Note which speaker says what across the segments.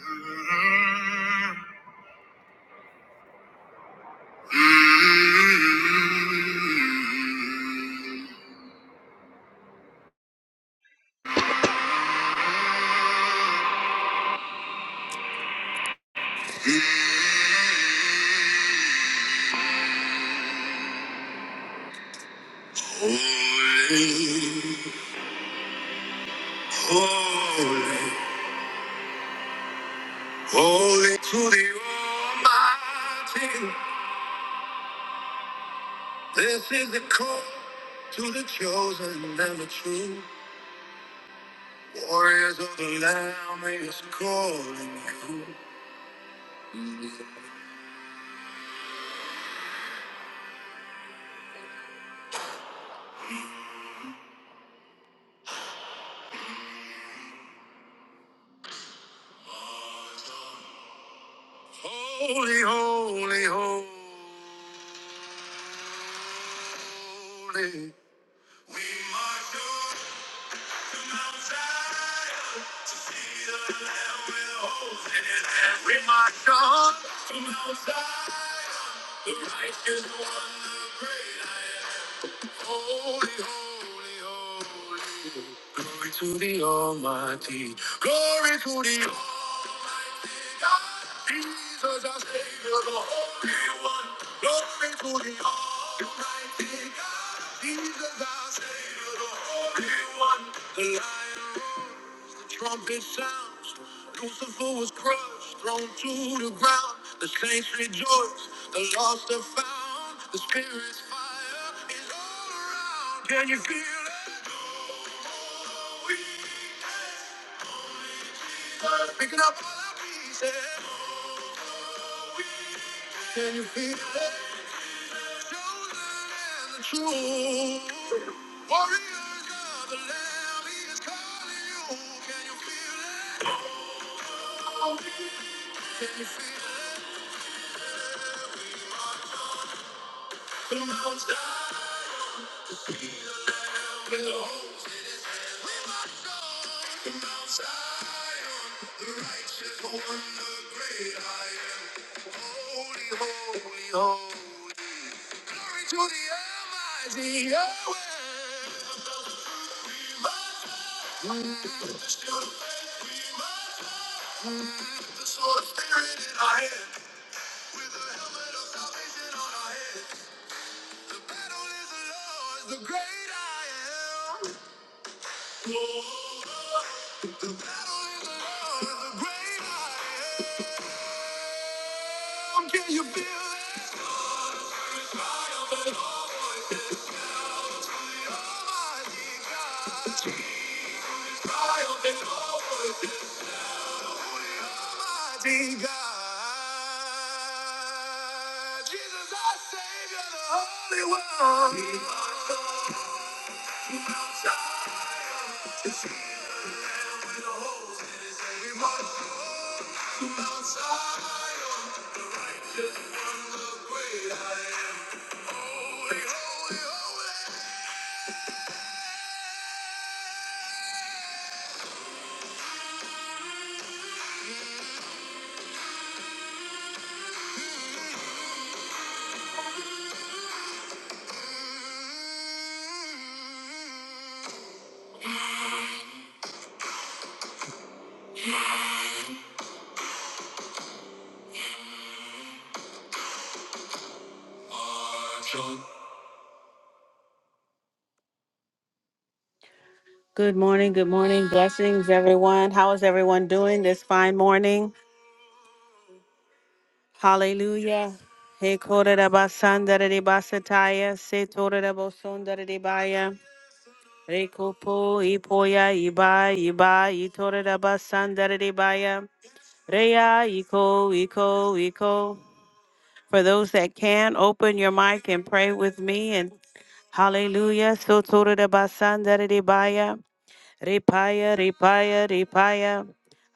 Speaker 1: Holy, holy, holy to the Almighty. This is the call to the chosen and the true. Warriors of the Lamb is calling you. Holy, holy, holy. We march on. To Mount Zion, to see the Lamb with holy hand. We march on the righteous one, the great I am. Holy, holy, holy. Glory to the Almighty. Glory to the Almighty God. Jesus, our Savior, the Holy One. Glory to the Almighty God. Jesus the lion roars, the Trumpet sounds, Lucifer was crushed, thrown to the ground. The saints rejoice, the lost are found. The spirit's fire is all around. Can you feel it? Oh, we can. Picking up all our pieces. Oh, we can. Can you feel it? The the the The The the Warriors of Lamb Lamb he is calling you. you you Can Can feel feel it? it? With the host. We must go to Mount Zion. The righteous one, the great I am. Holy, holy, holy. glory to the Almighty Yahweh. with the The the The the sword of of spirit in our our hand, with the helmet of salvation on our head. battle battle is is Great Great I I Am. Oh, the battle is the Lord's, the great I Am. Can you feel it? Triumph and holy, Almighty God. Triumph and holy. Mighty God, Jesus, our Savior, the Holy One. He marched on our side to see the Lamb with the holes in his head. We marched on to Mount Zion, just one look great I am. Holy, holy, holy. Good morning. Good morning. Blessings, everyone. How is everyone doing this fine morning? Hallelujah. Hey, basandararebasataya, setorerabosondarerebaya, rekopo, ipoya, iba, iba, itorerebasandarerebaya, reya, iko, iko, iko. For those that can, open your mic and pray with me and Hallelujah. So tore de basandere de baya. Repaya, repaya, repaya.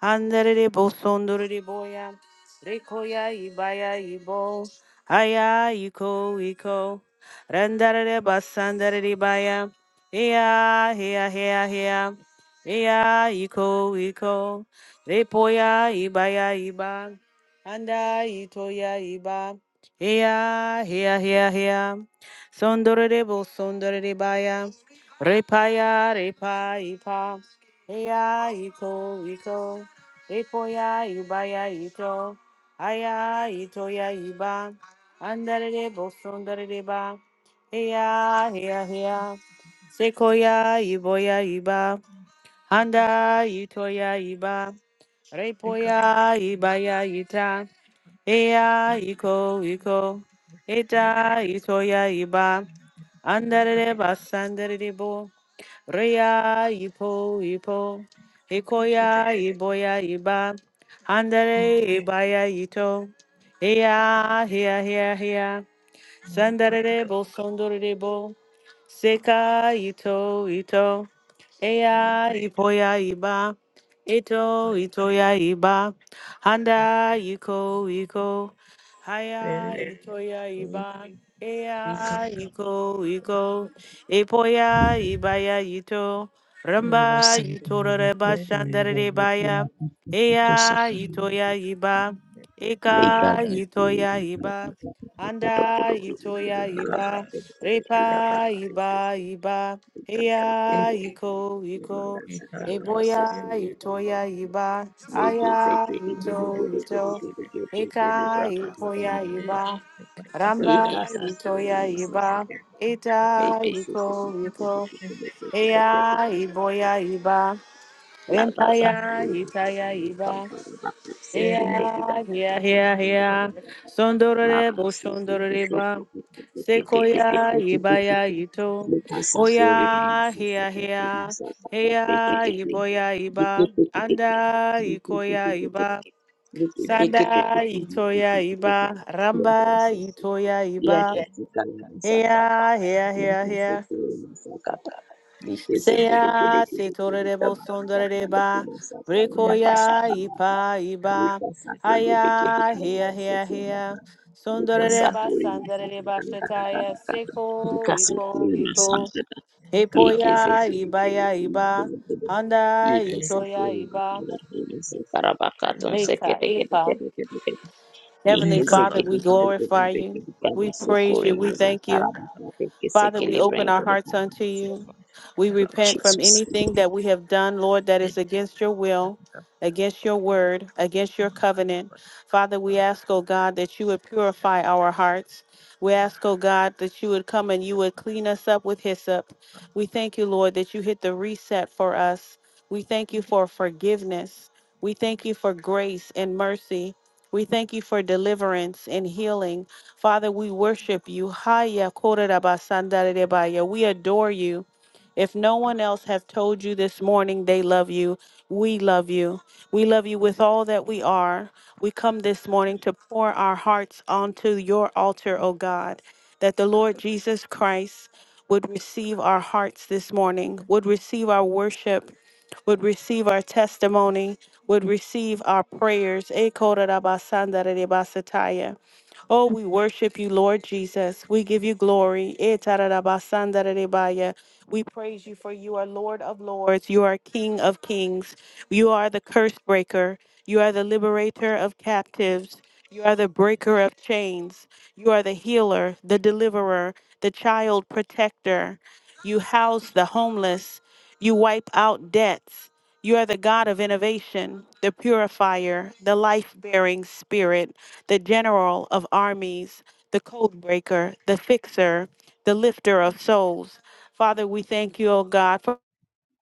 Speaker 1: Andere de bosondore de boya. Rekoya, ibaya, ibo. Aya, iko, iko. Randare de basandere de baya. Ea, hea, hea, hea. Ea, iko, iko. Repoya, ibaya, iba. Anda, itoya, iba. Ea, hea, hea, hea. Sondore Sondorebaya, Repaya, Repa, Ipa, Ea, Iko, Iko, Repoya, Ibaya, Ito, Aya, Itoya, Iba, Andere debo, sondore Sondoreba, Ea, Ea, Ea, Sekoya, Iboya, Iba, Handa, Itoya, Iba, Repoya, Ibaya, Ita, Ea, Iko, Iko, Eta, Itoya, Iba, Andere basandere bo. Ria ipo ipo. Ikoya iboya iba. Andere ibaya ito. Hia hia hia hia. Sandere bo sondere bo. Seka ito ito. Eya ipoya iba. Ito ito ya iba. Handa iko iko. Haya ito ya iba. Eya iko iko. Ipoya ibaya ito.
Speaker 2: Legal
Speaker 1: Ramba ito reba shandare baya. Eya
Speaker 3: Italia,
Speaker 1: ito ya iba. Eka ito ya iba. Anda itoya iba, repa iba iba, heya iko iko, eboya itoya iba, aya ito ito, eka iboya iba, ramba itoya iba, eta iko iko, heya iboya iba,
Speaker 2: La Gaza
Speaker 1: empaya itaya iba. Yeah, yeah, yeah, yeah. Sondorore,
Speaker 3: Yes,
Speaker 1: boshondorore, ba. Sequoia, ibaya, ito. Oya, here, here. Heya, iboya, iba. Anda, ikoya, iba. Sanda, itoya, iba. Ramba, itoya, iba.
Speaker 2: Thank you.
Speaker 1: Heya, here, here, here. Seya setorere bosondere ba brekoya ipa iba haya here here here sondere ba sandere ba shetaya seko iko iko epoya ibaya iba handa itoya
Speaker 2: Yekesapuri
Speaker 1: iba
Speaker 2: makala kudu sekara bakatun
Speaker 1: reka
Speaker 2: sekete kete
Speaker 1: ipa
Speaker 2: kete kete
Speaker 1: Heavenly
Speaker 2: Jesus.
Speaker 1: Father, we glorify you. We praise you. We thank you. Father, we open our hearts unto you. We repent from anything that we have done, Lord, that is against your will, against your word, against your covenant. Father, we ask, oh God, that you would purify our hearts. We ask, oh God, that you would come and you would clean us up with hyssop. We thank you, Lord, that you hit the reset for us. We thank you for forgiveness. We thank you for grace and mercy. We thank you for deliverance and healing. Father, we worship you. Haya kore raba sandare rebaya. We adore you. If no one else has told you this morning they love you, we love you. We love you with all that we are. We come this morning to pour our hearts onto your altar, O God, that the Lord Jesus Christ would receive our hearts this morning, would receive our worship, would receive our testimony, would receive our prayers. Oh, we worship you, Lord Jesus. We give you glory. Eh, tararabasandarerebaya. We praise you for you are Lord of lords. You are King of kings. You are the curse breaker. You are the liberator of captives. You are the breaker of chains. You are the healer, the deliverer, the child protector. You house the homeless. You wipe out debts. You are the God of innovation, the purifier, the life bearing spirit, the general of armies, the code breaker, the fixer, the lifter of souls. Father, we thank you, O God, for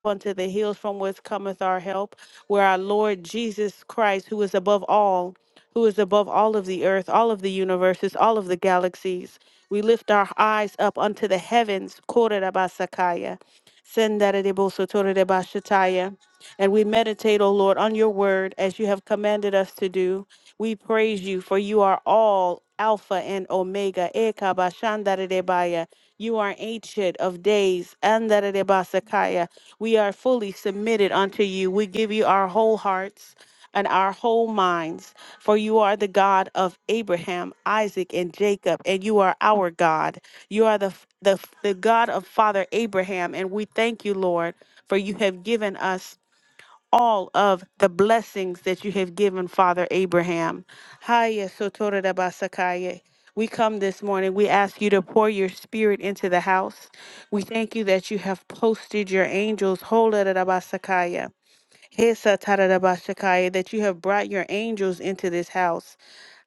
Speaker 1: unto the hills from whence cometh our help, where our Lord Jesus Christ, who is above all, who is above all of the earth, all of the universes, all of the galaxies. We lift our eyes up unto the heavens, Korabasakaya. Sendaridebosotoridebashataya. And we meditate, O Lord, on your word as you have commanded us to do. We praise you, for you are all Alpha and Omega. Ekabashandaridebaya. You are ancient of days. Andaridebasakaya. We are fully submitted unto you. We give you our whole hearts and our whole minds. For you are the God of Abraham, Isaac, and Jacob, and you are our God. You are the, the, the God of Father Abraham, and we thank you, Lord, for you have given us all of the blessings that you have given Father Abraham. Haya sotore da basakaye. We come this morning. We ask you to pour your spirit into the house. We thank you that you have posted your angels. Hola da da basakaya Hesa tararabashakaya, that you have brought your angels into this house.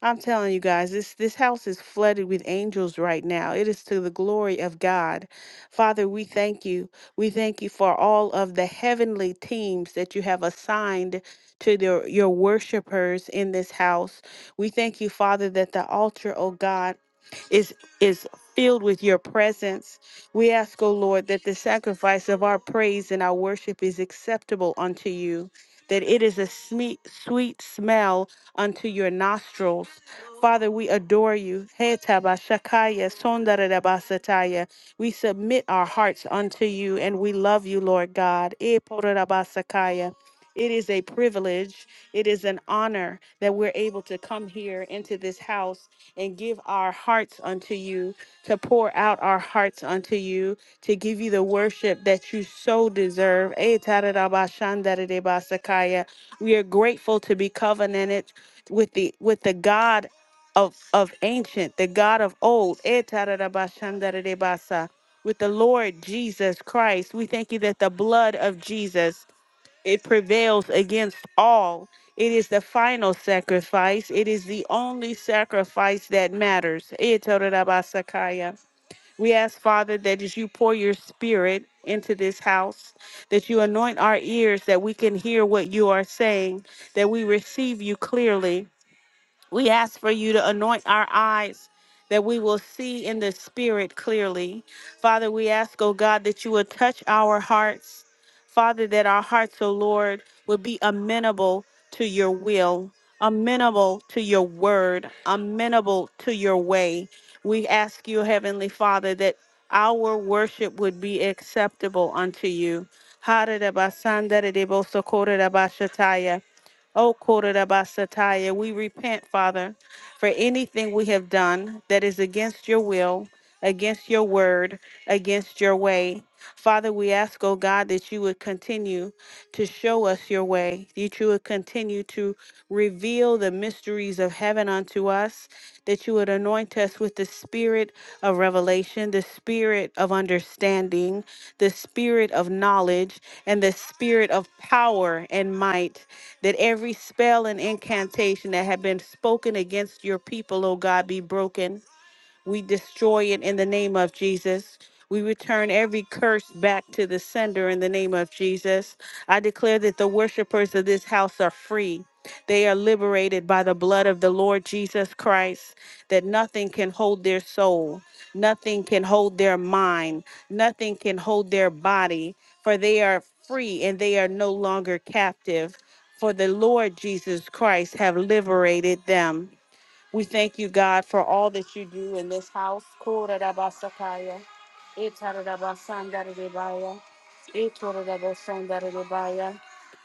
Speaker 1: I'm telling you guys, this this house is flooded with angels right now. It is to the glory of God. Father, we thank you. We thank you for all of the heavenly teams that you have assigned to their, your worshipers in this house. We thank you, Father, that the altar, oh God, is is filled with your presence we ask, O Lord, that the sacrifice of our praise and our worship is acceptable unto you, that it is a sweet, sweet smell unto your nostrils. Father, we adore you. He tabashakaya, sondarabasataya. We submit our hearts unto you and we love you, Lord God. E porabasakaya. It is a privilege. It is an honor that we're able to come here into this house and give our hearts unto you to pour out our hearts unto you, to give you the worship that you so deserve. Eh, tadadabashandaradebasakaya. We are grateful to be covenanted with the with the God of of ancient, the God of old. Eh, tadadabashandaradebasa. With the Lord Jesus Christ, we thank you that the blood of Jesus it prevails against all. It is the final sacrifice. It is the only sacrifice that matters. Eh, tadadabasakaya. We ask, Father, that as you pour your spirit into this house, that you anoint our ears that we can hear what you are saying, that we receive you clearly we ask for you to anoint our eyes that we will see in the spirit clearly. Father, we ask, oh God, that you would touch our hearts. Father, that our hearts, oh Lord, would be amenable to your will, amenable to your word, amenable to your way. We ask you, Heavenly Father, that our worship would be acceptable unto you. Oh, Kodadabasataya, we repent, Father, for anything we have done that is against your will, against your word against your way. Father, we ask, oh God, that you would continue to show us your way, that you would continue to reveal the mysteries of heaven unto us, that you would anoint us with the spirit of revelation, the spirit of understanding, the spirit of knowledge, and the spirit of power and might, that every spell and incantation that had been spoken against your people, oh God, be broken we destroy it in the name of Jesus. We return every curse back to the sender in the name of Jesus. I declare that the worshipers of this house are free. They are liberated by the blood of the Lord Jesus Christ, that nothing can hold their soul, nothing can hold their mind, nothing can hold their body, for they are free and they are no longer captive. For the Lord Jesus Christ have liberated them. We thank you, God, for all that you do in this house. Korarabasakaya, Itarabasandaridibaya, Itorabasandaridibaya.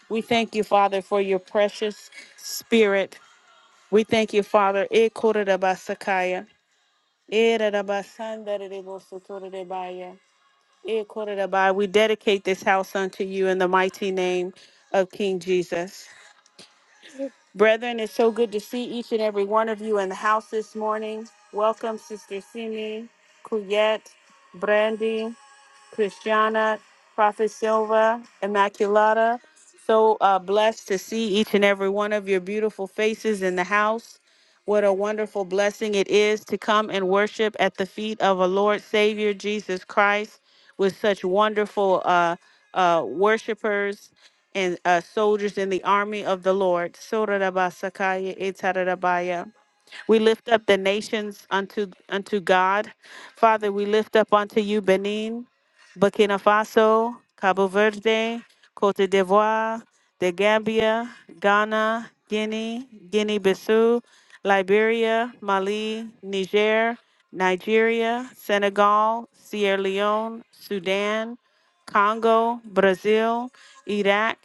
Speaker 1: We thank you, Father, for your precious spirit. We thank you, Father. Ikorarabasakaya, Itarabasandaridibosatoridibaya, Ikorabai. We dedicate this house unto you in the mighty name of King Jesus. Brethren, it's so good to see each and every one of you in the house this morning. Welcome, Sister Simi, Kuyet, Brandy. Christiana, Prophet Silva, Immaculata. So uh, blessed to see each and every one of your beautiful faces in the house. What a wonderful blessing it is to come and worship at the feet of a Lord Savior, Jesus Christ, with such wonderful uh, uh, worshipers and uh, soldiers in the army of the Lord. Sorarabasakaya etarabaya. We lift up the nations unto unto God. Father, we lift up unto you Benin. Burkina Faso, Cabo Verde, Cote d'Ivoire, the Gambia, Ghana, Guinea, Guinea Bissau, Liberia, Mali, Niger, Nigeria, Senegal, Sierra Leone, Sudan, Congo, Brazil, Iraq,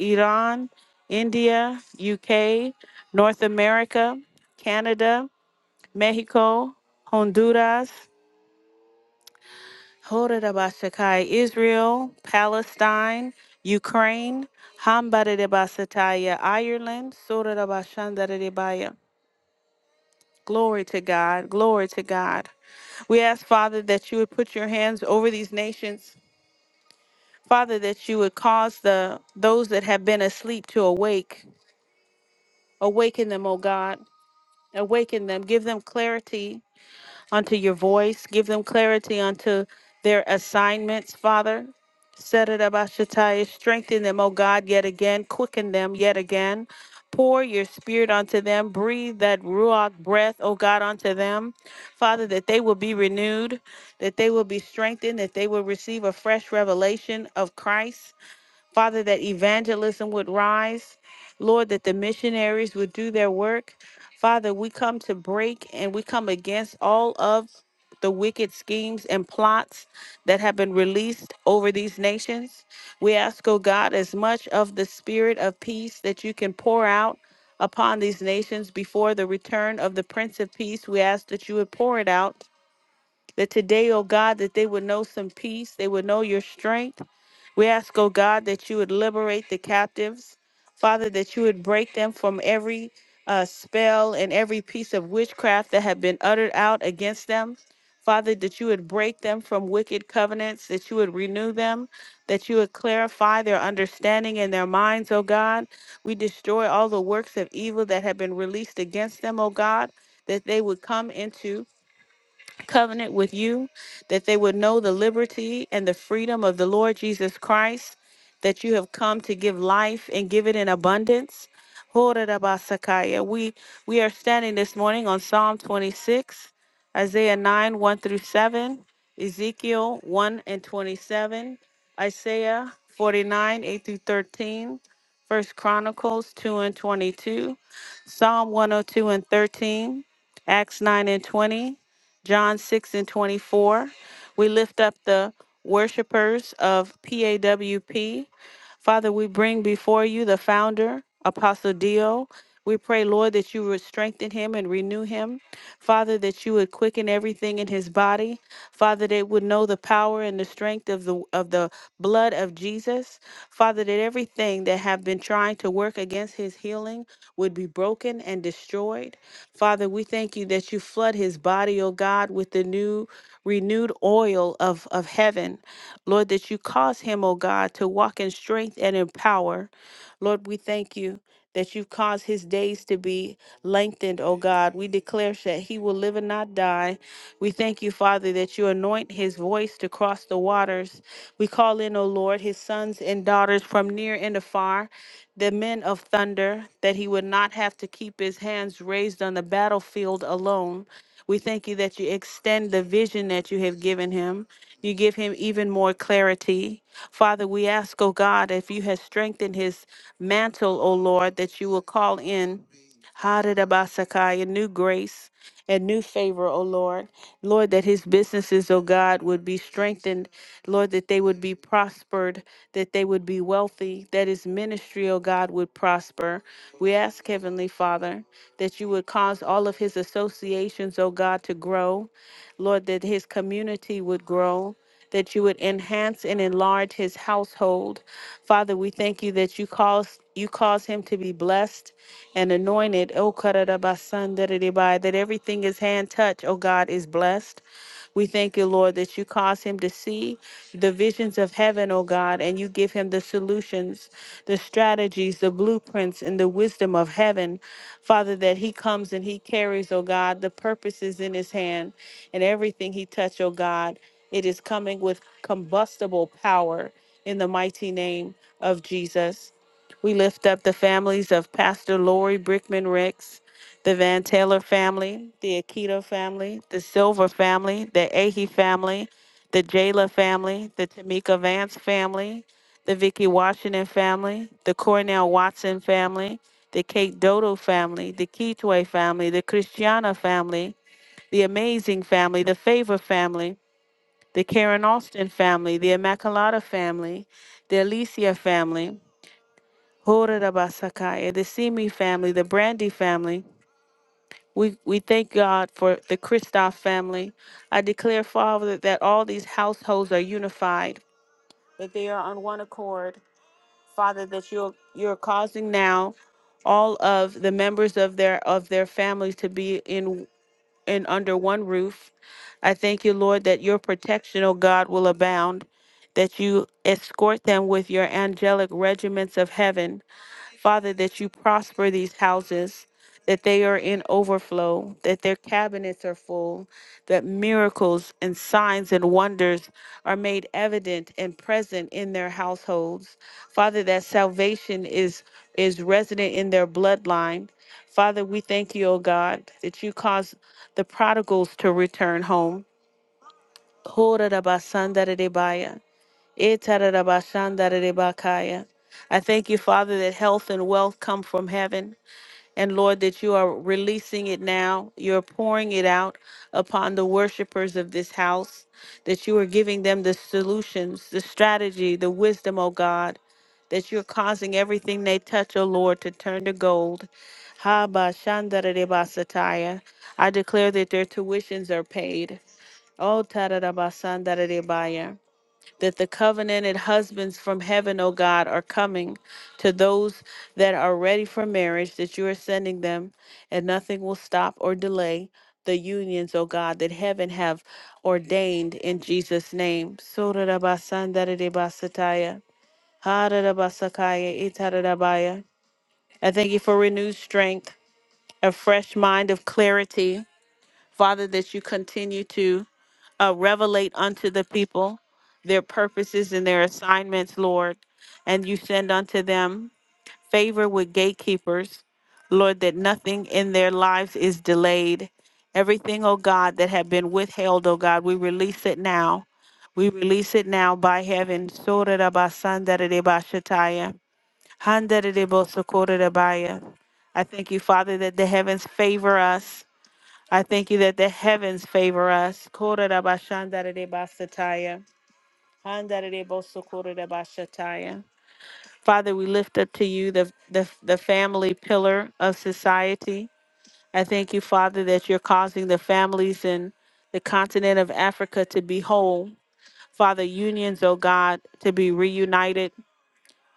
Speaker 1: Iran, India, UK, North America, Canada, Mexico, Honduras, Horadabashakai, Israel, Palestine, Ukraine, Hambadabasataya, Ireland, Soradabashandaradibaya. Glory to God, glory to God. We ask, Father, that you would put your hands over these nations. Father, that you would cause the those that have been asleep to awake. Awaken them, O God. Awaken them. Give them clarity. unto your voice. Give them clarity unto their assignments, Father. Set it up, Ashataya. Strengthen them, O God, yet again. Quicken them yet again. Pour your spirit onto them. Breathe that Ruach breath, O God, onto them. Father, that they will be renewed, that they will be strengthened, that they will receive a fresh revelation of Christ Father, that evangelism would rise. Lord, that the missionaries would do their work. Father, we come to break and we come against all of the wicked schemes and plots that have been released over these nations. We ask, oh God, as much of the spirit of peace that you can pour out upon these nations before the return of the Prince of Peace. We ask that you would pour it out that today, oh God, that they would know some peace, they would know your strength. We ask, oh God, that you would liberate the captives. Father, that you would break them from every uh, spell and every piece of witchcraft that had been uttered out against them. Father, that you would break them from wicked covenants, that you would renew them, that you would clarify their understanding and their minds, O God. We destroy all the works of evil that have been released against them, O God, that they would come into covenant with you, that they would know the liberty and the freedom of the Lord Jesus Christ, that you have come to give life and give it in abundance. Horabasakaya. We we are standing this morning on Psalm 26, Isaiah 9, 1 through 7, Ezekiel 1 and 27, Isaiah 49, 8 through 13, First Chronicles 2 and 22, Psalm 102 and 13, Acts 9 and 20, John 6 and 24. We lift up the worshipers of PAWP. Father, we bring before you the founder, Apostle Dio. We pray, Lord, that you would strengthen him and renew him. Father, that you would quicken everything in his body. Father, that it would know the power and the strength of the of the blood of Jesus. Father, that everything that have been trying to work against his healing would be broken and destroyed. Father, we thank you that you flood his body, O God, with the new renewed oil of of, of heaven. Lord, that you cause him, O God, to walk in strength and in power. Lord, we thank you that you've caused his days to be lengthened, O God. We declare that he will live and not die. We thank you, Father, that you anoint his voice to cross the waters. We call in, O Lord, his sons and daughters from near and afar, the men of thunder, that he would not have to keep his hands raised on the battlefield alone. We thank you that you extend the vision that you have given him. You give him even more clarity. Father, we ask, O God, if you have strengthened his mantle, O Lord, that you will call in Hadidabasakaya, new grace and new favor, O Lord. Lord, that his businesses, O God, would be strengthened. Lord, that they would be prospered, that they would be wealthy, that his ministry, O God, would prosper. We ask, Heavenly Father, that you would cause all of his associations, O God, to grow. Lord, that his community would grow, that you would enhance and enlarge his household. Father, we thank you that you cause you cause him to be blessed and anointed. Oh, karadabasandaradibai, that everything his hand touch, oh God, is blessed. We thank you, Lord, that you cause him to see the visions of heaven, O God, and you give him the solutions, the strategies, the blueprints, and the wisdom of heaven. Father, that he comes and he carries, O God, the purposes in his hand and everything he touch, O God. It is coming with combustible power in the mighty name of Jesus. We lift up the families of Pastor Lori Brickman Ricks the Van Taylor family, the Akita family, the Silver family, the Ahe family, the Jayla family, the Tamika Vance family, the Vicky Washington family, the Cornell Watson family, the Kate Dodo family, the Kitwe family, the Christiana family, the Amazing family, the Favor family, the Karen Austin family, the Immaculata family, the Alicia family, Hora Basakaya, the Simi family, the Brandy family, we, we thank God for the Christoph family. I declare, Father, that all these households are unified, that they are on one accord. Father, that you're you're causing now all of the members of their of their families to be in in under one roof. I thank you, Lord, that your protection, oh God, will abound, that you escort them with your angelic regiments of heaven Father, that you prosper these houses, that they are in overflow, that their cabinets are full, that miracles and signs and wonders are made evident and present in their households. Father, that salvation is is resident in their bloodline. Father, we thank you, O God, that you cause the prodigals to return home. Etarabashandarebakaya. I thank you, Father, that health and wealth come from heaven. And Lord, that you are releasing it now. You're pouring it out upon the worshipers of this house, that you are giving them the solutions, the strategy, the wisdom, O God, that you're causing everything they touch, O Lord, to turn to gold. Habashandarebasataya. I declare that their tuitions are paid. Oh, tararabasandarebaya that the covenanted husbands from heaven, O God, are coming to those that are ready for marriage, that you are sending them, and nothing will stop or delay the unions, O God, that heaven have ordained in Jesus' name. Surarabasandaridibasataya, hararabasakaya, itararabaya. I thank you for renewed strength, a fresh mind of clarity Father, that you continue to uh, revelate unto the people their purposes and their assignments, Lord, and you send unto them favor with gatekeepers, Lord, that nothing in their lives is delayed. Everything, oh God, that had been withheld, oh God, we release it now. We release it now by heaven. Sorarabasandararebashataya, handarerebosokororebaya. I thank you, Father, that the heavens favor us I thank you that the heavens favor us. Kororabashandaradebasataya, handaradebosokororabashataya. Father, we lift up to you the, the, the family pillar of society. I thank you, Father, that you're causing the families in the continent of Africa to be whole. Father, unions, oh God, to be reunited,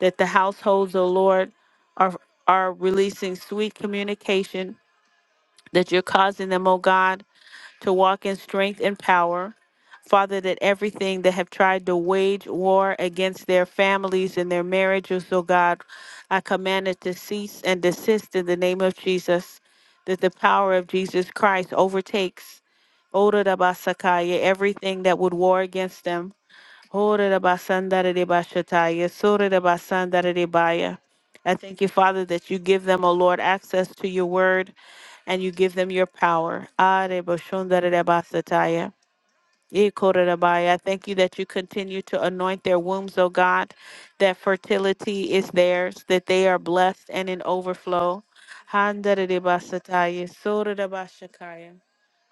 Speaker 1: that the households, oh Lord, are, are releasing sweet communication, that you're causing them, oh God, to walk in strength and power. Father, that everything that have tried to wage war against their families and their marriages, oh God, I command it to cease and desist in the name of Jesus, that the power of Jesus Christ overtakes Oda Basakaya, everything that would war against them. Ore da basandare de bashataya, sore da basandare de baya. I thank you, Father, that you give them, O Lord, access to your word and you give them your power. Are boshondare de basataya. Yea, Korabai, I thank you that you continue to anoint their wombs, O God, that fertility is theirs, that they are blessed and in overflow. Handaridibasataya, Soridabashakaya.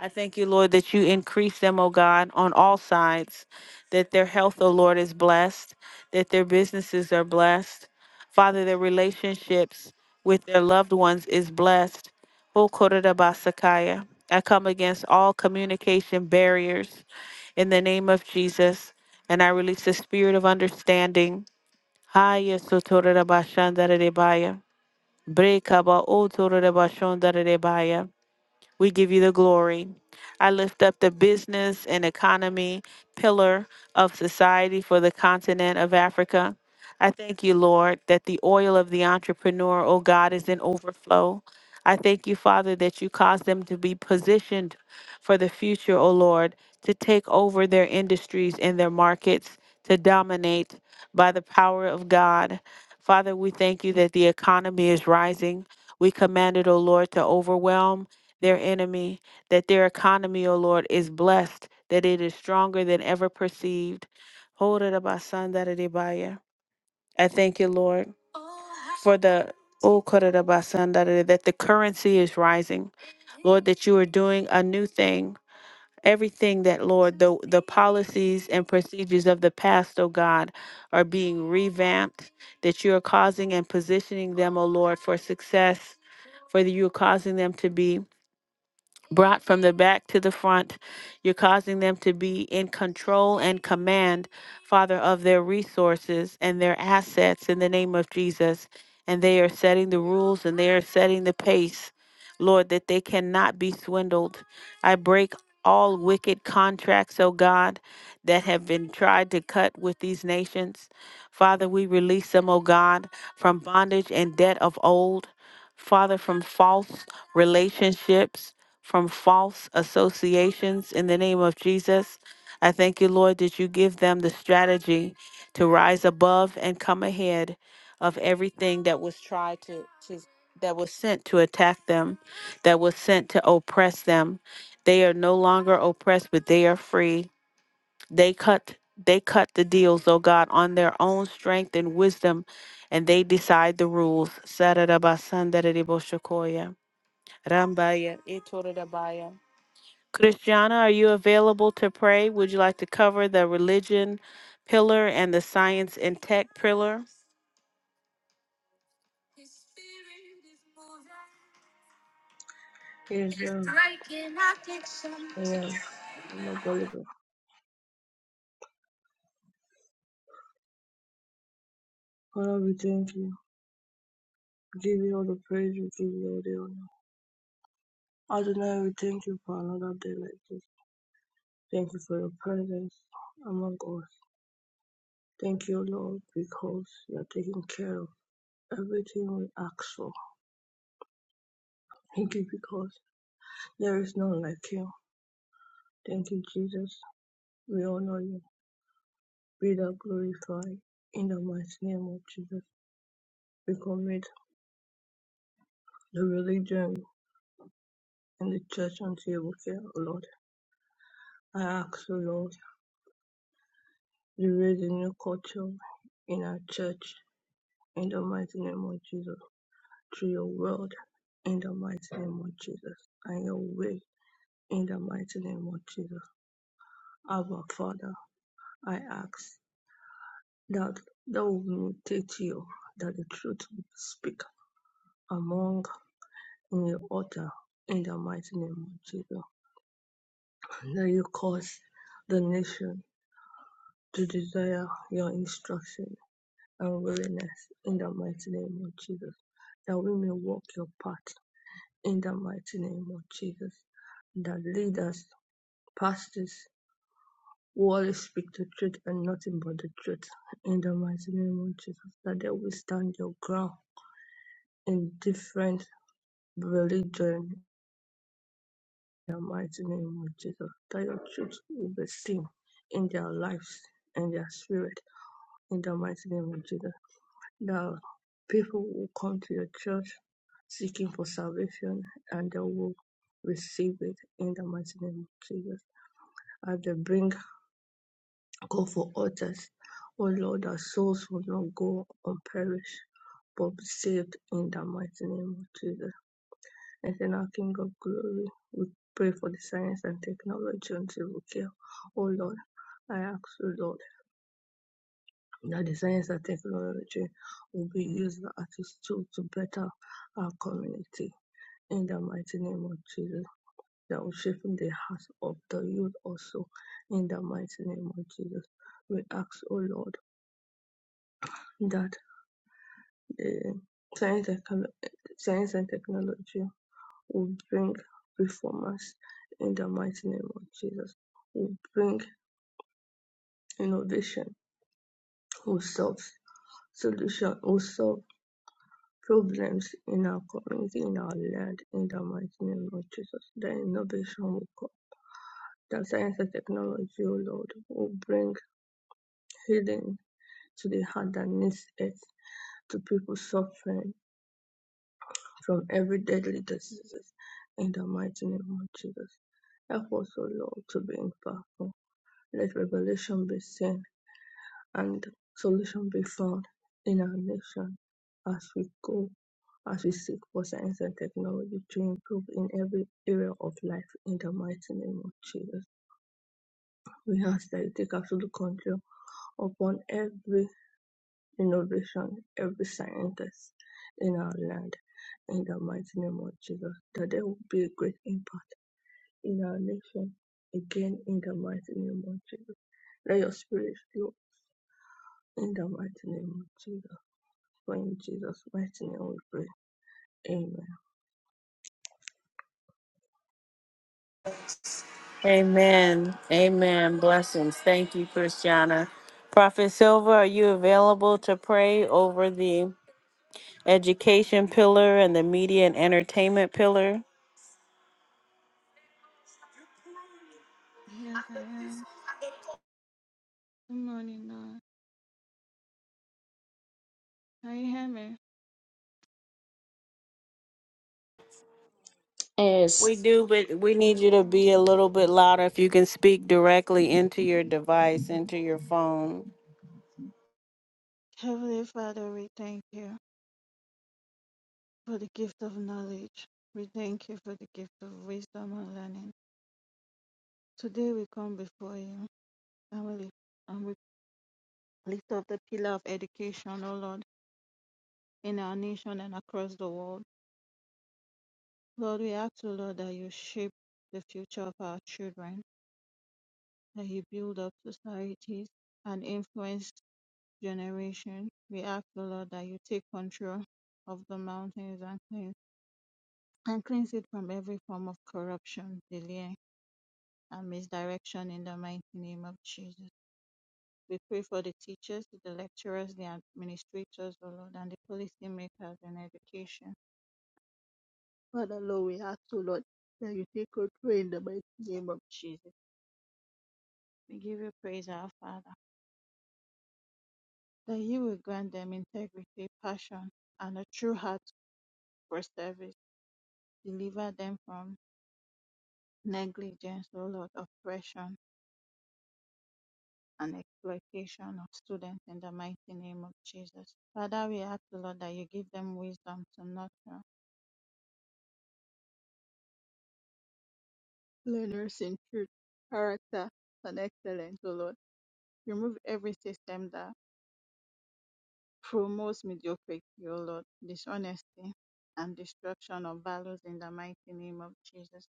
Speaker 1: I thank you, Lord, that you increase them, O God, on all sides, that their health, O Lord, is blessed, that their businesses are blessed. Father, their relationships with their loved ones is blessed. Oh, Korodabasakaya. I come against all communication barriers in the name of Jesus. And I release the spirit of understanding. Haya sotorabashandarebaya. Brekaba otorabashandarebaya. We give you the glory. I lift up the business and economy pillar of society for the continent of Africa. I thank you, Lord, that the oil of the entrepreneur, oh God, is in overflow. I thank you, Father, that you cause them to be positioned for the future, oh Lord, to take over their industries and their markets, to dominate by the power of God. Father, we thank you that the economy is rising. We command it, O Lord, to overwhelm their enemy, that their economy, O Lord, is blessed, that it is stronger than ever perceived. Horadabasandadadibaya. I thank you, Lord, for the oh, koradabasandadadi- that the currency is rising. Lord, that you are doing a new thing. Everything that, Lord, the, the policies and procedures of the past, oh God, are being revamped, that you are causing and positioning them, oh Lord, for success, for you are causing them to be brought from the back to the front. You're causing them to be in control and command, Father, of their resources and their assets in the name of Jesus. And they are setting the rules and they are setting the pace. Lord, that they cannot be swindled. I break all wicked contracts, O God, that have been tried to cut with these nations. Father, we release them, O God, from bondage and debt of old. Father, from false relationships, from false associations, in the name of Jesus. I thank you, Lord, that you give them the strategy to rise above and come ahead of everything that was tried to, to that was sent to attack them, that was sent to oppress them. They are no longer oppressed, but they are free. They cut they cut the deals, O God, on their own strength and wisdom, and they decide the rules. Saradabasandaridiboshokoya, Rambaya, Itorodabaya. Christiana, are you available to pray? Would you like to cover the religion pillar and the science and tech pillar?
Speaker 3: um, I am. I'm a believer. Father, we thank you. We give you all the praise. We give you all the honor. Adonai, we thank you for another day like this. Thank you for your presence among us. Thank you, Lord, because you are taking care of everything we ask for. Thank you because there is none like you. Thank you, Jesus. We honor you. Be thou glorified in the mighty name of Jesus. We commit the religion and the church unto your care, O Lord. I ask, you, Lord. You raise a new culture in our church in the mighty name of Jesus. Through your word in the mighty name of Jesus. And your way in the mighty name of Jesus. Our Father, I ask that thou will mutate you, that the truth will speak among in your altar in the mighty name of Jesus. That you cause the nation to desire your instruction and weariness in the mighty name of Jesus. That we may walk your path in the mighty name of Jesus. That leaders, pastors past always speak the truth and nothing but the truth in the mighty name of Jesus. That they will stand your ground in different religion in the mighty name of Jesus. That your truth will be seen in their lives and their spirit in the mighty name of Jesus There are people who come to your church seeking for salvation and they will receive it in the mighty name of Jesus. As they bring call for others, oh Lord, our souls will not go unperished, but be saved in the mighty name of Jesus. And then our King of Glory, we pray for the science and technology until we care. Oh Lord, I ask you, Lord. that the science and technology will be used as a tool to better our community. In the mighty name of Jesus, that will shape the hearts of the youth also. In the mighty name of Jesus, we ask, O oh Lord, that the science and, science and technology will bring reformers. In the mighty name of Jesus, will bring innovation, will solve solution, will solve. problems in our community, in our land, in the mighty name of Jesus. The innovation will come. The science and technology, O Lord, will bring healing to the heart that needs it, to people suffering from every deadly diseases. In the mighty name of Jesus. Help us, O Lord, to be impactful. Let revelation be seen and solution be found in our nation as we go, as we seek for science and technology to improve in every area of life in the mighty name of Jesus. We ask that you take absolute control upon every innovation, every scientist in our land in the mighty name of Jesus, that there will be a great impact in our nation again in the mighty name of Jesus. Let your spirit flow in the mighty name of Jesus. For in Jesus' mighty name we pray. Amen.
Speaker 1: Amen. Amen. Blessings. Thank you, Christiana. Prophet Silva, are you available to pray over the education pillar and the media and entertainment pillar.
Speaker 4: Yes, I am. Good morning, Lord. Can you hear me?
Speaker 2: Yes.
Speaker 1: We do, but we need you to
Speaker 4: Okay.
Speaker 1: be a little bit louder if you can speak directly into your device, into your phone.
Speaker 4: Heavenly Father, we thank you for the gift of knowledge. We thank you for the gift of wisdom and learning. Today we come before you and we, lift- and we lift up the pillar of education, O Lord, in our nation and across the world. Lord, we ask, O Lord, that you shape the future of our children, that you build up societies and influence generation, we ask the Lord that you take control of the mountains and cleanse, and cleanse it from every form of corruption, delay, and misdirection in the mighty name of Jesus. We pray for the teachers, the lecturers, the administrators, O Lord, and the policymakers in education. Father, Lord, we ask, O Lord, that you take control in the mighty name of Jesus. We give you praise, our Father, that you will grant them integrity, passion, and a true heart for service deliver them from negligence, O Lord, oppression and exploitation of students in the mighty name of Jesus. Father, we ask, O Lord, that you give them wisdom to nurture learners in truth, character, and excellence, O Lord. Remove every system that promotes mediocrity, O Lord, dishonesty, and destruction of values in the mighty name of Jesus.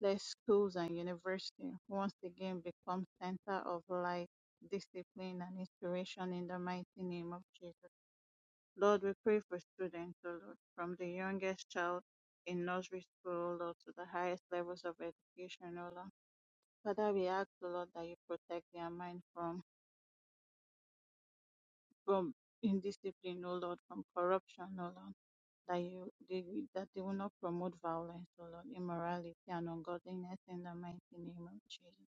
Speaker 4: Let schools and universities once again become center of light, discipline, and inspiration in the mighty name of Jesus. Lord, we pray for students, O Lord, from the youngest child in nursery school, O Lord, to the highest levels of education, O Lord. Father, we ask, O Lord, that you protect their mind from, from indiscipline, O Lord, from corruption, O Lord. That you they, that they will not promote violence, O Lord, immorality and ungodliness in the mighty name of Jesus.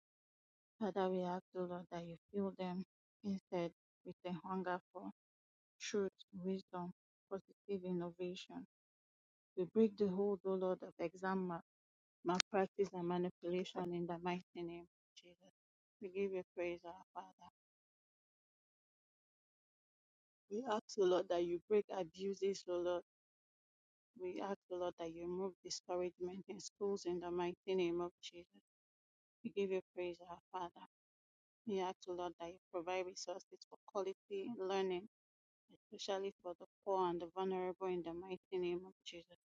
Speaker 4: Father, we ask, O Lord, that you fill them instead with a hunger for truth, wisdom, positive innovation We break the hold, O Lord, of exam mal- malpractice and manipulation in the mighty name of Jesus. We give you praise, our Father. We ask, O Lord, that you break abuses, O Lord. We ask, O Lord, that you remove discouragement in schools in the mighty name of Jesus. We give you praise, our Father. We ask, O Lord, that you provide resources for quality learning, especially for the poor and the vulnerable in the mighty name of Jesus.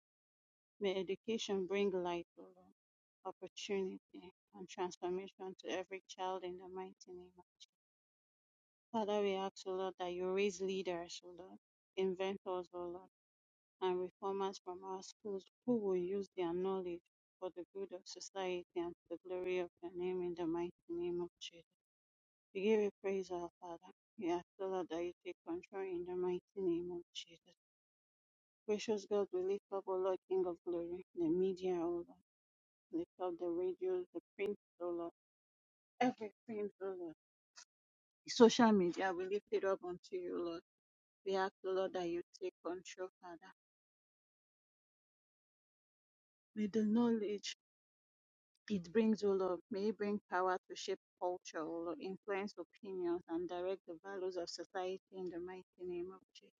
Speaker 4: May education bring light, O Lord, opportunity, and transformation to every child in the mighty name. of- Father, we ask, O Lord, that you raise leaders, O Lord, inventors, O Lord, and reformers from our schools who will use their knowledge for the good of society and to the glory of your name in the mighty name of Jesus. We give you praise, our Father. We ask, O Lord, that you take control in the mighty name of Jesus. Gracious God, we lift up, O Lord, King of glory, the media, O Lord. they called the radio, the print, oh Lord, everything, oh Lord. The Social media, we lift it up unto you, Lord. We ask, oh Lord, that you take control, Father. May the knowledge it brings, oh Lord, may it bring power to shape culture, oh Lord, influence opinions and direct the values of society in the mighty name of Jesus.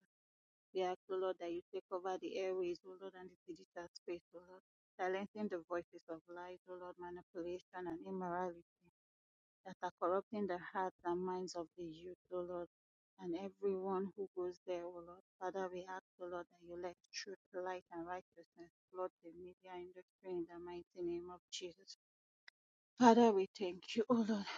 Speaker 4: We ask, oh Lord, that you take over the airways, oh Lord, and the digital space, oh Lord, silencing the voices of lies, oh Lord, manipulation and immorality. that are corrupting the hearts and minds of the youth, O Lord, and everyone who goes there, O Lord. Father, we ask, O Lord, that you let truth, light, and righteousness flood the media industry in the mighty name of Jesus. Father, we thank you, O Lord.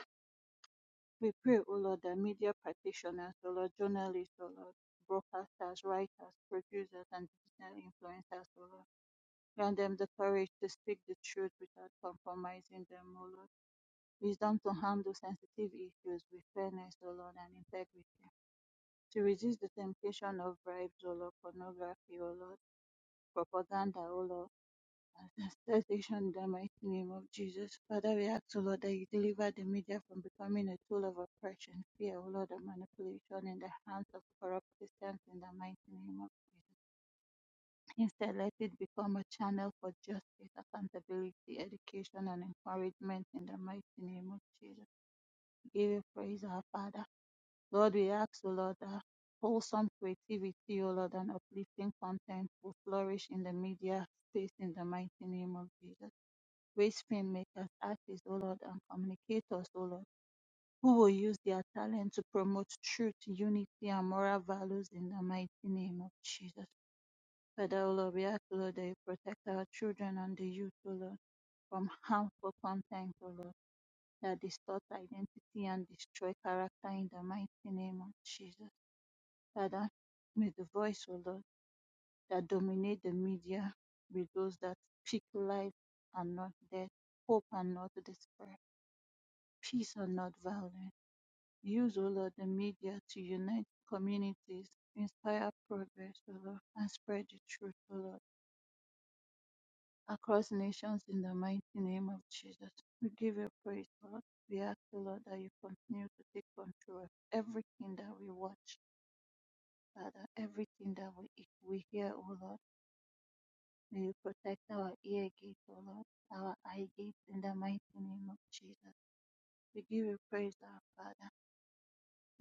Speaker 4: We pray, O Lord, that media practitioners, O Lord, journalists, O Lord, broadcasters, writers, producers, and digital influencers, O Lord, grant them the courage to speak the truth without compromising them, O Lord. Wisdom to handle sensitive issues with fairness, O Lord, and integrity. To resist the temptation of bribes, O Lord, pornography, O Lord, propaganda, O Lord, and sedition in the mighty name of Jesus. Father, we ask, O Lord, that you deliver the media from becoming a tool of oppression, fear, O Lord, and manipulation in the hands of corrupt systems in the mighty name of Jesus. Instead, let it become a channel for justice, accountability, education, and encouragement in the mighty name of Jesus. Give you praise, our Father. Lord, we ask, O Lord, that wholesome creativity, O Lord, and uplifting content will flourish in the media space in the mighty name of Jesus. Raise filmmakers, artists, O Lord, and communicators, O Lord, who will use their talent to promote truth, unity, and moral values in the mighty name of Jesus. Father, O Lord, we ask, O Lord, that you protect our children and the youth, O Lord, from harmful content, O Lord that distort identity and destroy character in the mighty name of Jesus. Father, may the voice, O Lord, that dominate the media be those that speak life and not death, hope and not despair, peace and not violence. Use, O Lord, the media to unite communities, inspire progress, O Lord, and spread the truth, O Lord. across nations in the mighty name of Jesus. We give you praise, Lord. We ask you, Lord, that you continue to take control of everything that we watch, Father, everything that we eat, we hear, O Lord. May you protect our ear gates, O Lord, our eye gates in the mighty name of Jesus. We give you praise, our Father.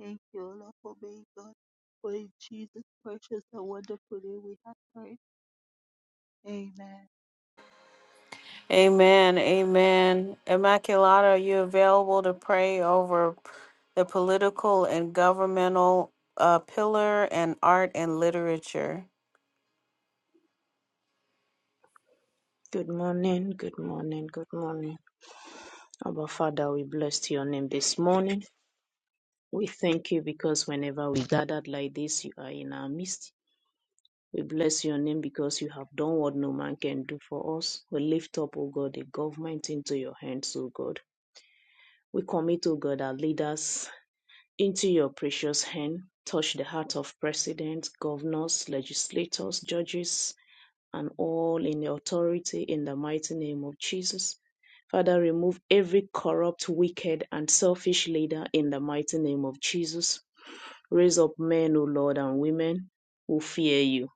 Speaker 4: Thank you, O Lord, for being God. For in Jesus' precious and wonderful name we have prayed. Amen.
Speaker 1: Amen. Amen. Immaculata, are you available to pray over the political and governmental uh, pillar and art and literature?
Speaker 2: Good morning. Good morning. Good morning. Abba Father, we bless your name this morning. We thank you because whenever we gathered like this, you are in our midst. We bless your name because you have done what no man can do for us. We lift up, O God, the government into your hands, O God. We commit, O God, our leaders Into your precious hand touch the heart of presidents, governors, legislators, judges, and all in authority in the mighty name of Jesus. Father, remove every corrupt, wicked, and selfish leader in the mighty name of Jesus. Raise up men, O Lord, and women who fear you,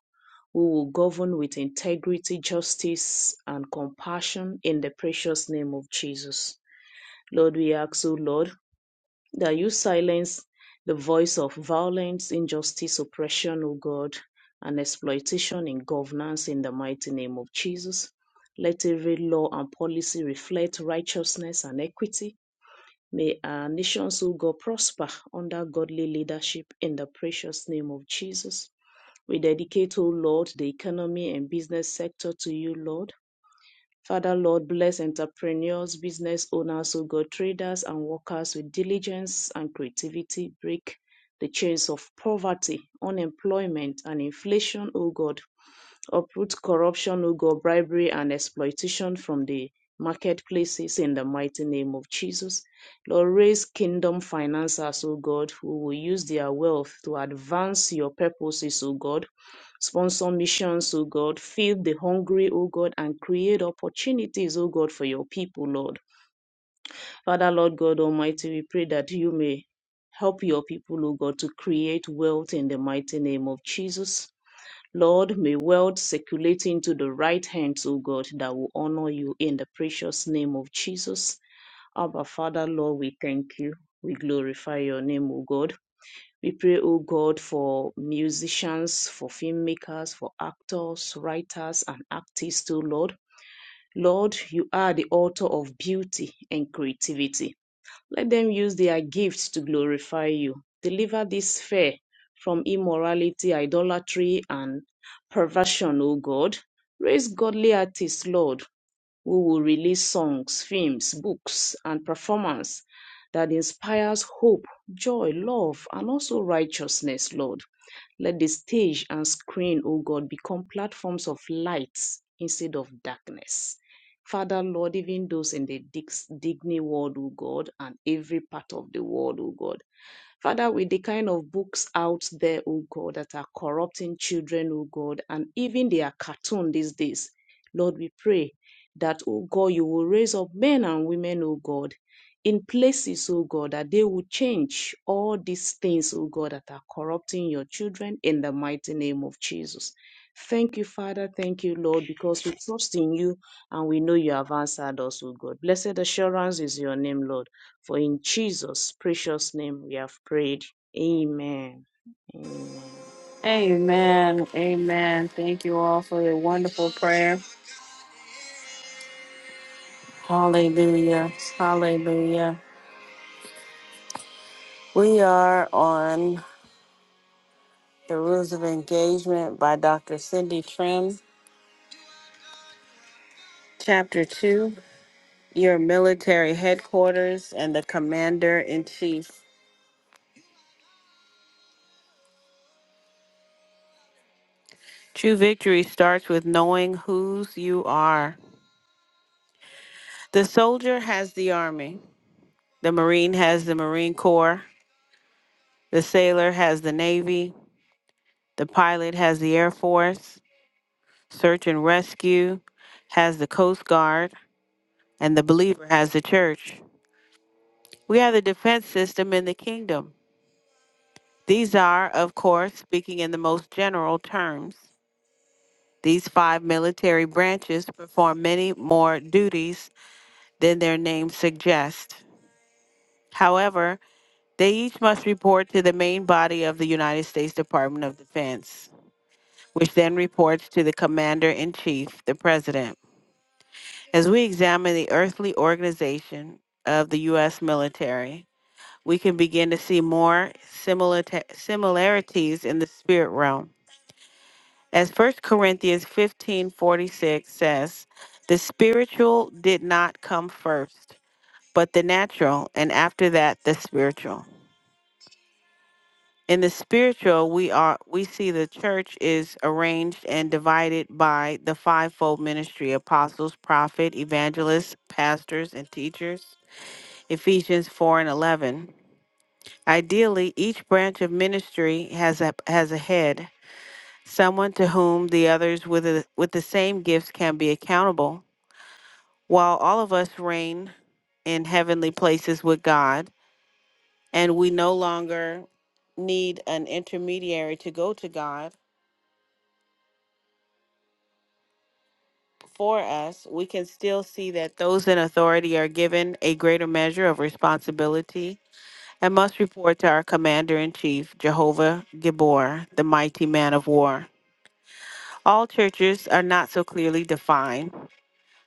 Speaker 2: who will govern with integrity, justice, and compassion in the precious name of Jesus. Lord, we ask, O Lord, that you silence the voice of violence, injustice, oppression, O God, and exploitation in governance in the mighty name of Jesus. Let every law and policy reflect righteousness and equity. May our nations, O God, prosper under godly leadership in the precious name of Jesus. We dedicate, O Lord, the economy and business sector to you, Lord. Father, Lord, bless entrepreneurs, business owners, O God, traders and workers with diligence and creativity. Break the chains of poverty, unemployment, and inflation, O God. Uproot corruption, O God, bribery and exploitation from the marketplaces in the mighty name of Jesus. Lord, raise kingdom financiers, O God, who will use their wealth to advance your purposes, O God Sponsor missions, O God. Feed the hungry, O God, and create opportunities, O God, for your people, Lord. Father, Lord God Almighty, we pray that you may help your people, O God, to create wealth in the mighty name of Jesus. Lord, may wealth circulate into the right hands, O God, that will honor you in the precious name of Jesus. Abba, Father, Lord, we thank you. We glorify your name, O God. We pray, O God, for musicians, for filmmakers, for actors, writers, and artists, O Lord. Lord, you are the author of beauty and creativity. Let them use their gifts to glorify you. Deliver this fair from immorality, idolatry, and perversion, O God. Raise godly artists, Lord, we will release songs, films, books, and performance that inspires hope, joy, love, and also righteousness, Lord. Let the stage and screen, O God, become platforms of light instead of darkness. Father, Lord, even those in the dig- Digny world, O God, and every part of the world, O God. Father, with the kind of books out there, oh God, that are corrupting children, oh God, and even they are cartoon these days, Lord, we pray that, oh God, you will raise up men and women, oh God, in places, oh God, that they will change all these things, oh God, that are corrupting your children in the mighty name of Jesus. Thank you, Father. Thank you, Lord, because we trust in you and we know you have answered us, oh God. Blessed assurance is your name, Lord. For in Jesus' precious name we have prayed. Amen. Amen.
Speaker 1: Amen. Amen. Thank you all for your wonderful prayer. Hallelujah. Hallelujah. We are on. The Rules of Engagement by Dr. Cindy Trim. Chapter 2 Your Military Headquarters and the Commander in Chief. True victory starts with knowing whose you are. The soldier has the Army, the Marine has the Marine Corps, the sailor has the Navy, the pilot has the Air Force, search and rescue has the Coast Guard, and the believer has the church. We have the defense system in the kingdom. These are, of course, speaking in the most general terms. These five military branches perform many more duties than their names suggest. However, they each must report to the main body of the United States Department of Defense, which then reports to the Commander in Chief, the President. As we examine the earthly organization of the U.S. military, we can begin to see more similita- similarities in the spirit realm. As First Corinthians 15 46 says, the spiritual did not come first, but the natural, and after that the spiritual. In the spiritual, we are we see the church is arranged and divided by the fivefold ministry apostles, prophet, evangelists, pastors, and teachers. Ephesians 4 and 11. Ideally, each branch of ministry has a has a head, someone to whom the others with the, with the same gifts can be accountable, while all of us reign in heavenly places with God, and we no longer need an intermediary to go to God for us, we can still see that those in authority are given a greater measure of responsibility and must report to our commander in chief, Jehovah Gibor, the mighty man of war. All churches are not so clearly defined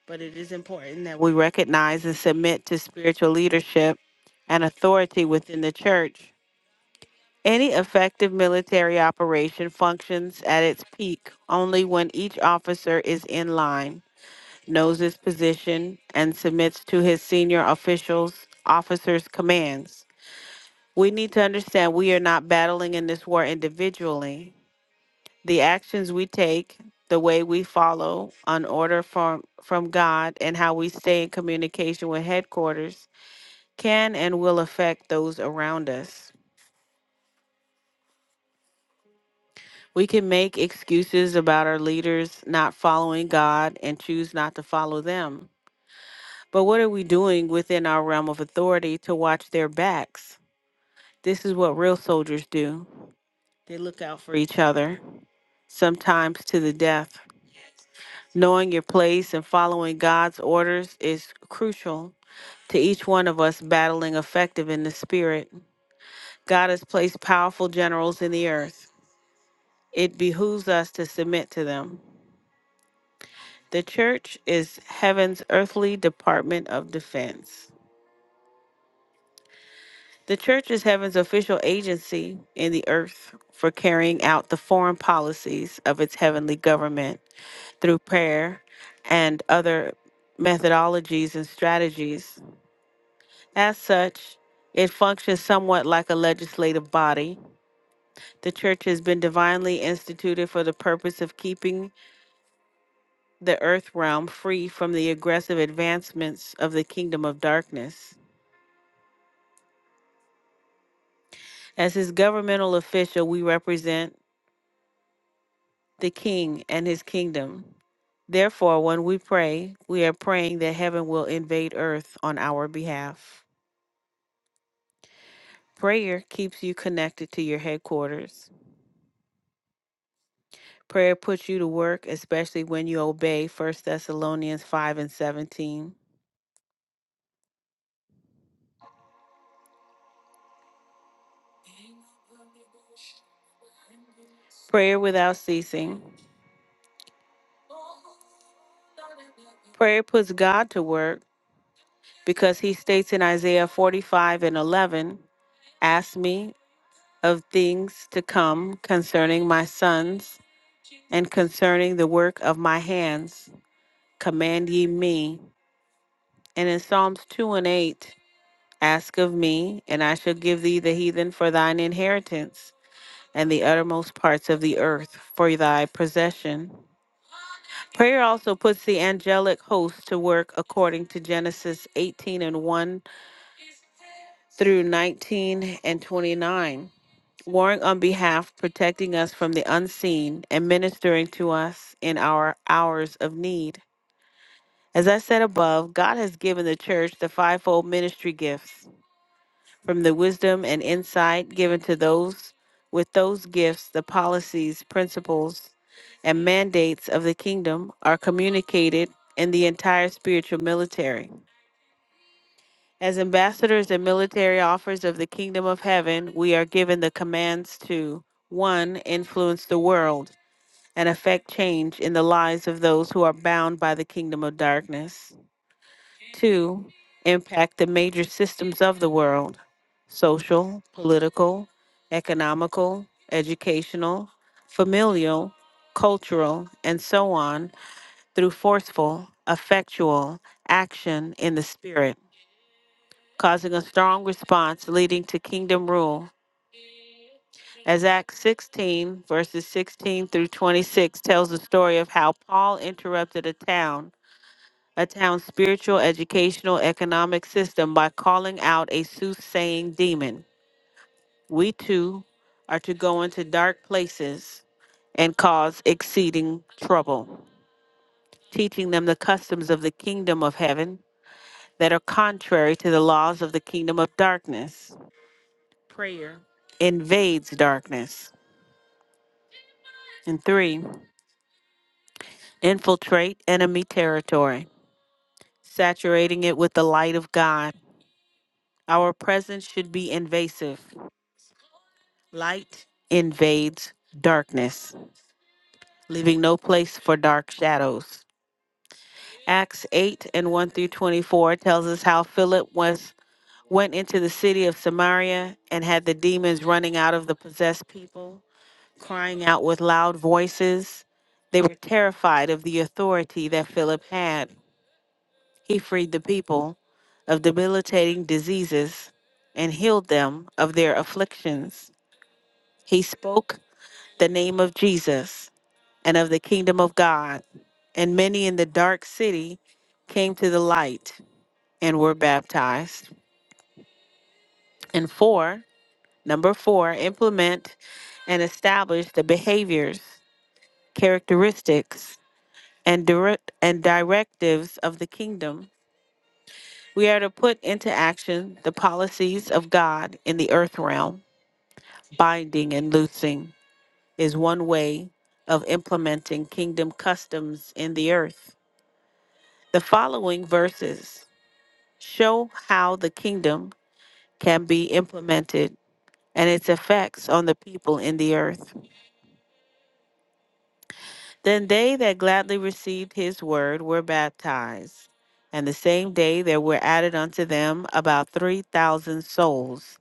Speaker 1: but it is important that we recognize and submit to spiritual leadership and authority within the church. Any effective military operation functions at its peak only when each officer is in line, knows his position, and submits to his senior officials' officers' commands. We need to understand we are not battling in this war individually the actions we take, the way we follow an order from, from God, and how we stay in communication with headquarters can and will affect those around us. We can make excuses about our leaders not following God and choose not to follow them. But what are we doing within our realm of authority to watch their backs? This is what real soldiers do. They look out for each other, sometimes to the death. Knowing your place and following God's orders is crucial to each one of us battling effective in the spirit. God has placed powerful generals in the earth. It behooves us to submit to them. The church is heaven's earthly department of defense. The church is heaven's official agency in the earth for carrying out the foreign policies of its heavenly government through prayer and other methodologies and strategies. As such, it functions somewhat like a legislative body. The church has been divinely instituted for the purpose of keeping the earth realm free from the aggressive advancements of the kingdom of darkness. As his governmental official, we represent the king and his kingdom. Therefore, when we pray, we are praying that heaven will invade earth on our behalf. Prayer keeps you connected to your headquarters. Prayer puts you to work, especially when you obey First Thessalonians 5 and 17. Prayer without ceasing. Prayer puts God to work because he states in Isaiah 45 and 11, Ask me of things to come concerning my sons and concerning the work of my hands. Command ye me. And in Psalms 2 and 8, Ask of me, and I shall give thee the heathen for thine inheritance and the uttermost parts of the earth for thy possession. Prayer also puts the angelic host to work according to Genesis 18 and 1 through 19 and 29, warring on behalf, protecting us from the unseen, and ministering to us in our hours of need. As I said above, God has given the church the fivefold ministry gifts from the wisdom and insight given to those with those gifts, the policies, principles, and mandates of the kingdom are communicated in the entire spiritual military. As ambassadors and military offers of the kingdom of heaven, we are given the commands to 1. influence the world and affect change in the lives of those who are bound by the kingdom of darkness. Two, impact the major systems of the world social, political, economical, educational, familial, cultural, and so on through forceful, effectual action in the spirit, causing a strong response leading to kingdom rule. As Acts 16, verses 16 through 26 tells the story of how Paul interrupted a town a town's spiritual, educational, economic system by calling out a soothsaying demon. We too are to go into dark places and cause exceeding trouble, teaching them the customs of the kingdom of heaven that are contrary to the laws of the kingdom of darkness. Prayer invades darkness. And three, infiltrate enemy territory, saturating it with the light of God. Our presence should be invasive, Light invades darkness, leaving no place for dark shadows. Acts 8 and 1 through 24 tells us how Philip was went into the city of Samaria and had the demons running out of the possessed people, crying out with loud voices. They were terrified of the authority that Philip had. He freed the people of debilitating diseases and healed them of their afflictions. He spoke the name of Jesus and of the kingdom of God. And many in the dark city came to the light and were baptized. And four, number four, implement and establish the behaviors, characteristics, and direct and directives of the kingdom. We are to put into action the policies of God in the earth realm. Binding and loosing is one way of implementing kingdom customs in the earth. The following verses show how the kingdom can be implemented and its effects on the people in the earth. Then they that gladly received his word were baptized, and the same day there were added unto them about 3,000 souls.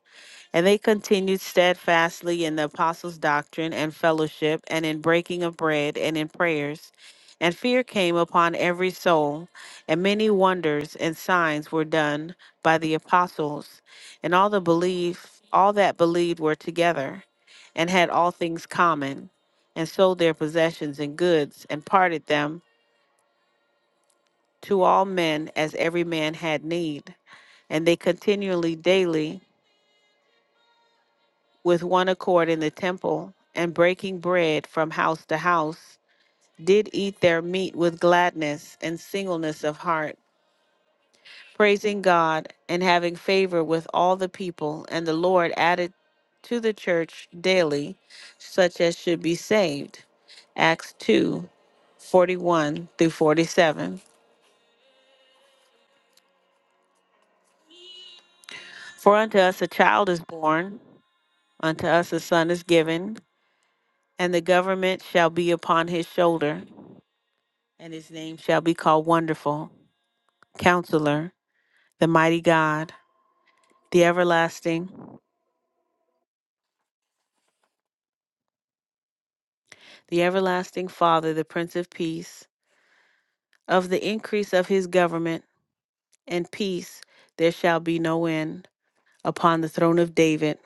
Speaker 1: And they continued steadfastly in the apostles' doctrine and fellowship, and in breaking of bread, and in prayers. And fear came upon every soul, and many wonders and signs were done by the apostles. And all the belief, all that believed were together, and had all things common, and sold their possessions and goods, and parted them to all men as every man had need. And they continually daily with one accord in the temple, and breaking bread from house to house, did eat their meat with gladness and singleness of heart, praising God and having favor with all the people. And the Lord added to the church daily such as should be saved. Acts 2:41 through 47. For unto us a child is born, unto us a son is given, and the government shall be upon his shoulder and his name shall be called Wonderful, Counselor, the Mighty God, the Everlasting, the Everlasting Father, the Prince of Peace. Of the increase of his government and peace there shall be no end upon the throne of David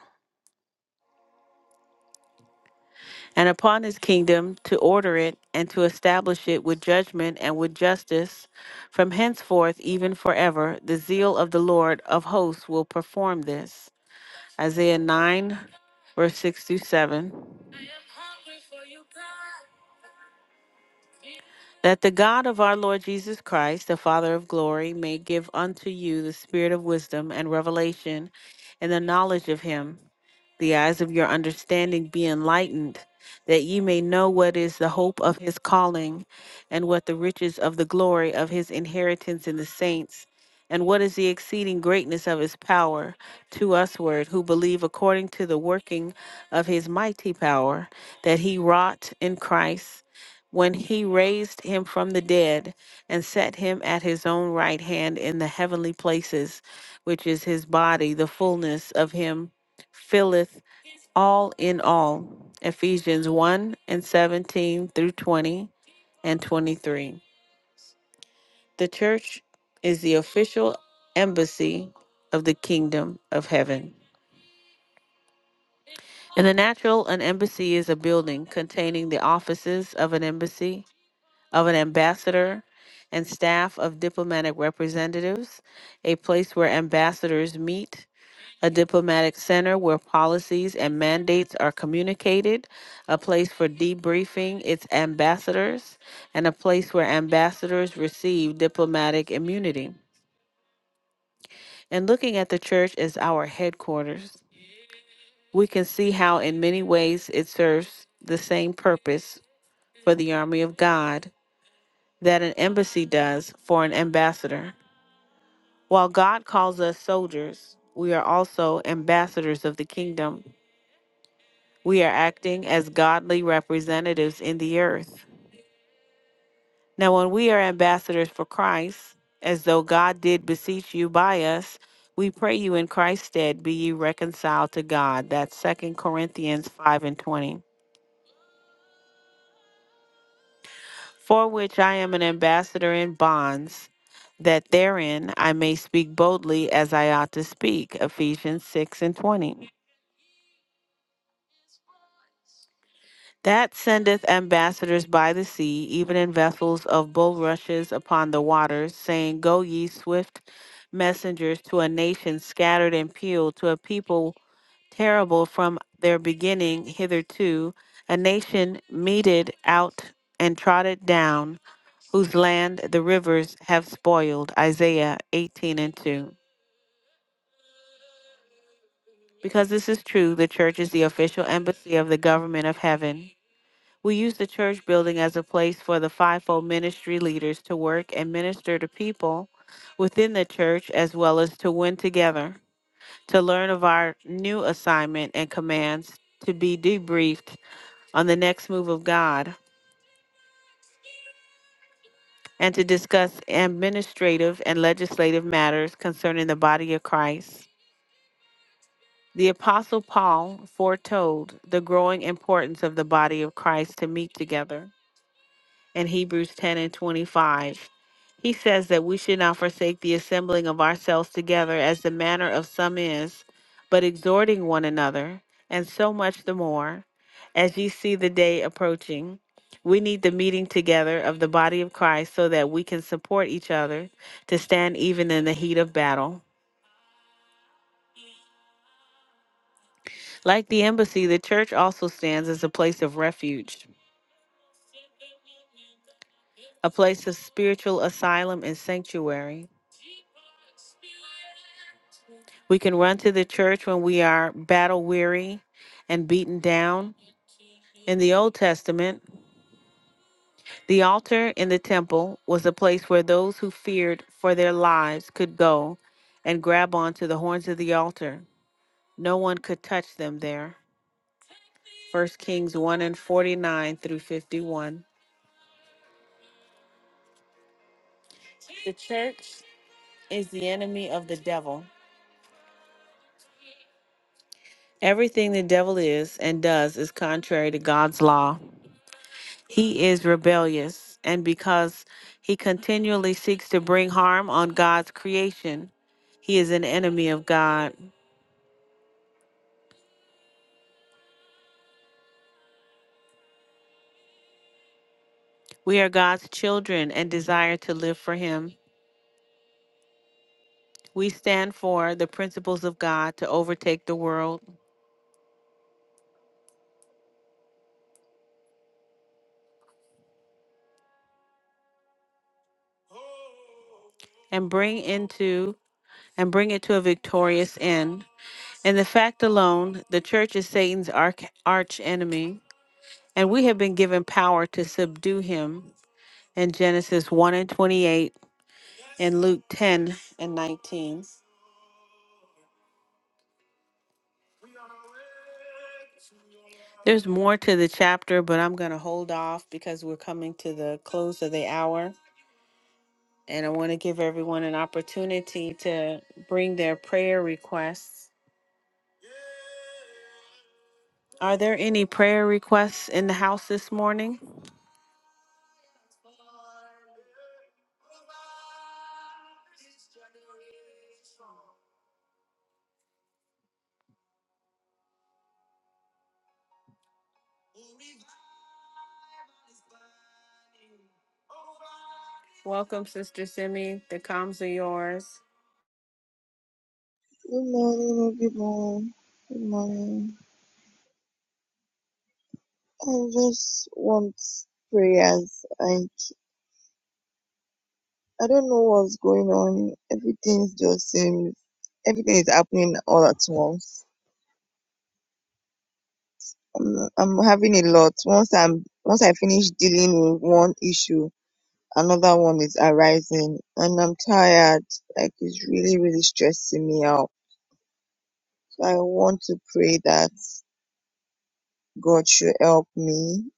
Speaker 1: and upon his kingdom to order it and to establish it with judgment and with justice. From henceforth, even forever, the zeal of the Lord of hosts will perform this. Isaiah 9, verse 6 through 7. that the God of our Lord Jesus Christ, the Father of glory, may give unto you the spirit of wisdom and revelation and the knowledge of him the eyes of your understanding be enlightened, that ye may know what is the hope of his calling, and what the riches of the glory of his inheritance in the saints, and what is the exceeding greatness of his power to usward who believe according to the working of his mighty power that he wrought in Christ. When he raised him from the dead and set him at his own right hand in the heavenly places, which is his body, the fullness of him filleth all in all. Ephesians 1 and 17 through 20 and 23. The church is the official embassy of the kingdom of heaven. In the natural, an embassy is a building containing the offices of an embassy, of an ambassador, and staff of diplomatic representatives, a place where ambassadors meet a diplomatic center where policies and mandates are communicated, a place for debriefing its ambassadors, and a place where ambassadors receive diplomatic immunity. And looking at the church as our headquarters, we can see how, in many ways, it serves the same purpose for the army of God that an embassy does for an ambassador. While God calls us soldiers, we are also ambassadors of the kingdom We are acting as godly representatives in the earth. Now, when we are ambassadors for Christ, as though God did beseech you by us, we pray you in Christ's stead be ye reconciled to God. That's Second Corinthians 5 and 20. For which I am an ambassador in bonds, that therein I may speak boldly as I ought to speak. Ephesians 6 and 20. That sendeth ambassadors by the sea, even in vessels of bulrushes upon the waters, saying, Go ye swift messengers to a nation scattered and peeled, to a people terrible from their beginning hitherto, a nation meted out and trodden down, whose land the rivers have spoiled. Isaiah 18 and 2. Because this is true, the church is the official embassy of the government of heaven. We use the church building as a place for the fivefold ministry leaders to work and minister to people within the church as well as to win together, to learn of our new assignment and commands, to be debriefed on the next move of God, and to discuss administrative and legislative matters concerning the body of Christ. The Apostle Paul foretold the growing importance of the body of Christ to meet together. and Hebrews 10 and 25. He says that we should not forsake the assembling of ourselves together as the manner of some is, but exhorting one another, and so much the more, as ye see the day approaching. We need the meeting together of the body of Christ so that we can support each other to stand even in the heat of battle. Like the embassy, the church also stands as a place of refuge, a place of spiritual asylum and sanctuary. We can run to the church when we are battle weary and beaten down. In the Old Testament, the altar in the temple was a place where those who feared for their lives could go and grab onto the horns of the altar. No one could touch them there. First Kings 1 and 49 through 51. The church is the enemy of the devil. Everything the devil is and does is contrary to God's law. He is rebellious, and because he continually seeks to bring harm on God's creation, he is an enemy of God. We are God's children and desire to live for him. We stand for the principles of God to overtake the world and bring into and bring it to a victorious end. In the fact alone, the church is Satan's arch, arch enemy, and we have been given power to subdue him. In Genesis 1 and 28, in Luke 10 and 19. There's more to the chapter, but I'm going to hold off because we're coming to the close of the hour. And I want to give everyone an opportunity to bring their prayer requests. Are there any prayer requests in the house this morning? Welcome, Sister Simi. The comms are yours.
Speaker 5: Good morning, everyone. Good morning. I just want prayers. Like I don't know what's going on. Everything's just seems everything is happening all at once. I'm, I'm having a lot. Once I'm once I finish dealing with one issue, another one is arising, and I'm tired. Like it's really really stressing me out. So I want to pray that God should help me.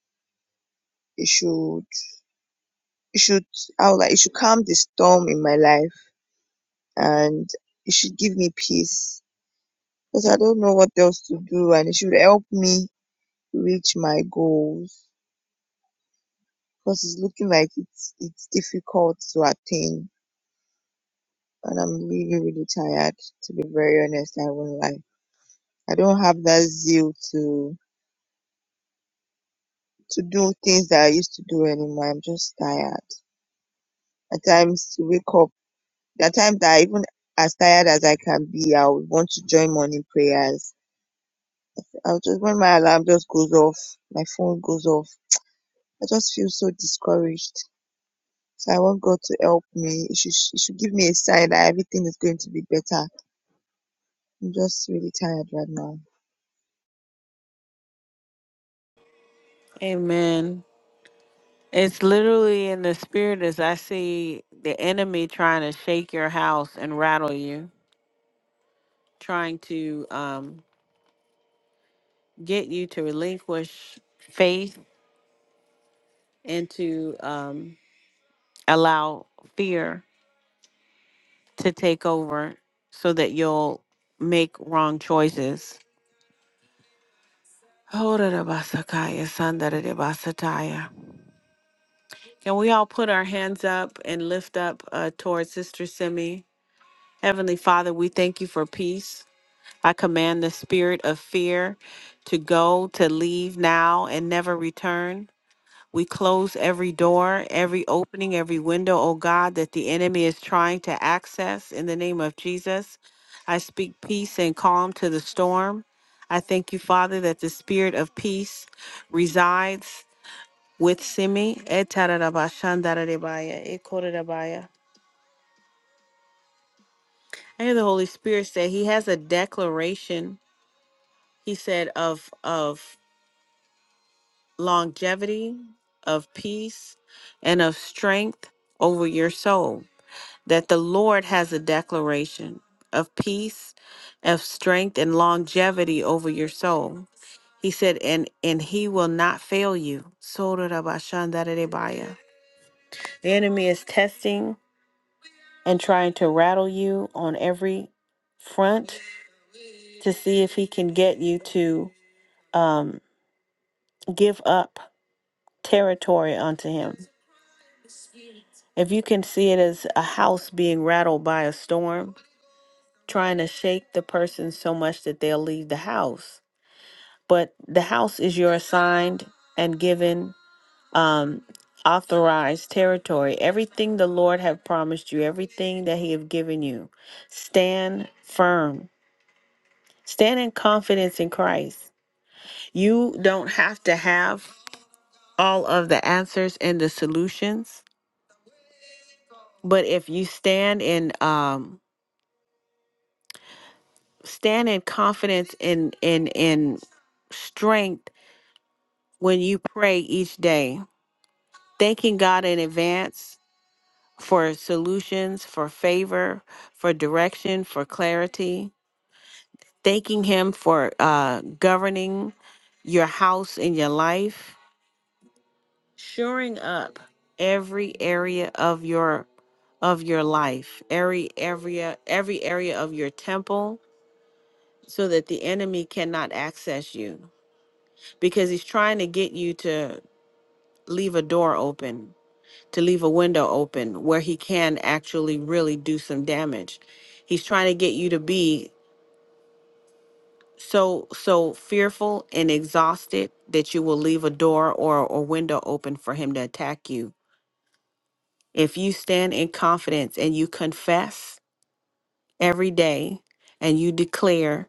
Speaker 5: He should it should how like it should calm the storm in my life and it should give me peace because I don't know what else to do and it should help me reach my goals because it's looking like it's it's difficult to attain and I'm really really tired to be very honest I won't lie I don't have that zeal to to do things that I used to do anymore I'm just tired at times to wake up there are times that I even as tired as I can be I would want to join morning prayers I'll just when my alarm just goes off, my phone goes off, I just feel so discouraged. So I want God to help me. He should, he should give me a sign that everything is going to be better. I'm just really tired right now.
Speaker 1: Amen. It's literally in the spirit as I see the enemy trying to shake your house and rattle you, trying to um, get you to relinquish faith and to um, allow fear to take over so that you'll make wrong choices. Horarabasakaya, sandarabasataya. Can we all put our hands up and lift up uh, towards Sister Simi? Heavenly Father, we thank you for peace. I command the spirit of fear to go, to leave now, and never return. We close every door, every opening, every window, oh God, that the enemy is trying to access in the name of Jesus. I speak peace and calm to the storm. I thank you, Father, that the spirit of peace resides with Simi. Etarabashandaradebaya, ekorerabaya. I hear the Holy Spirit say he has a declaration, he said, of of longevity, of peace, and of strength over your soul. that the Lord has a declaration of peace, of strength, and longevity over your soul. He said, and and he will not fail you. Sorarabashandarerebaya. The enemy is testing and trying to rattle you on every front to see if he can get you to um, give up territory unto him. If you can see it as a house being rattled by a storm, trying to shake the person so much that they'll leave the house. But the house is your assigned and given um authorized territory. Everything the Lord have promised you, everything that he have given you. Stand firm. Stand in confidence in Christ. You don't have to have all of the answers and the solutions, but if you stand in um stand in confidence in in in strength when you pray each day, thanking God in advance for solutions, for favor, for direction, for clarity, thanking Him for uh, governing your house and your life, shoring up every area of your of your life, every area, every area of your temple, so that the enemy cannot access you, because he's trying to get you to leave a door open to leave a window open where he can actually really do some damage. He's trying to get you to be so so fearful and exhausted that you will leave a door or or window open for him to attack you. If you stand in confidence and you confess every day and you declare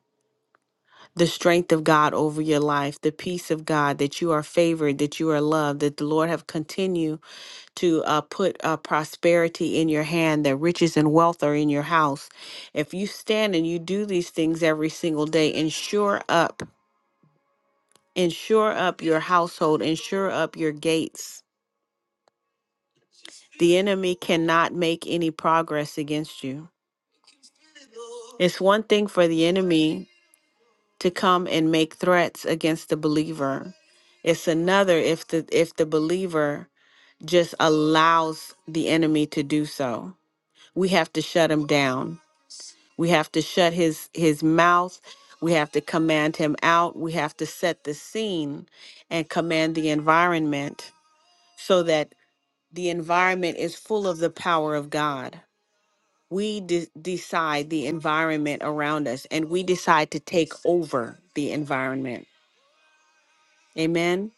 Speaker 1: the strength of God over your life, the peace of God that you are favored, that you are loved, that the Lord have continued to uh, put uh, prosperity in your hand, that riches and wealth are in your house. If you stand and you do these things every single day, and shore up, and shore up your household, and shore up your gates. The enemy cannot make any progress against you. It's one thing for the enemy to come and make threats against the believer. It's another if the if the believer just allows the enemy to do so. We have to shut him down We have to shut his his mouth. We have to command him out. We have to set the scene and command the environment so that the environment is full of the power of God. We de- decide the environment around us and we decide to take over the environment. Amen.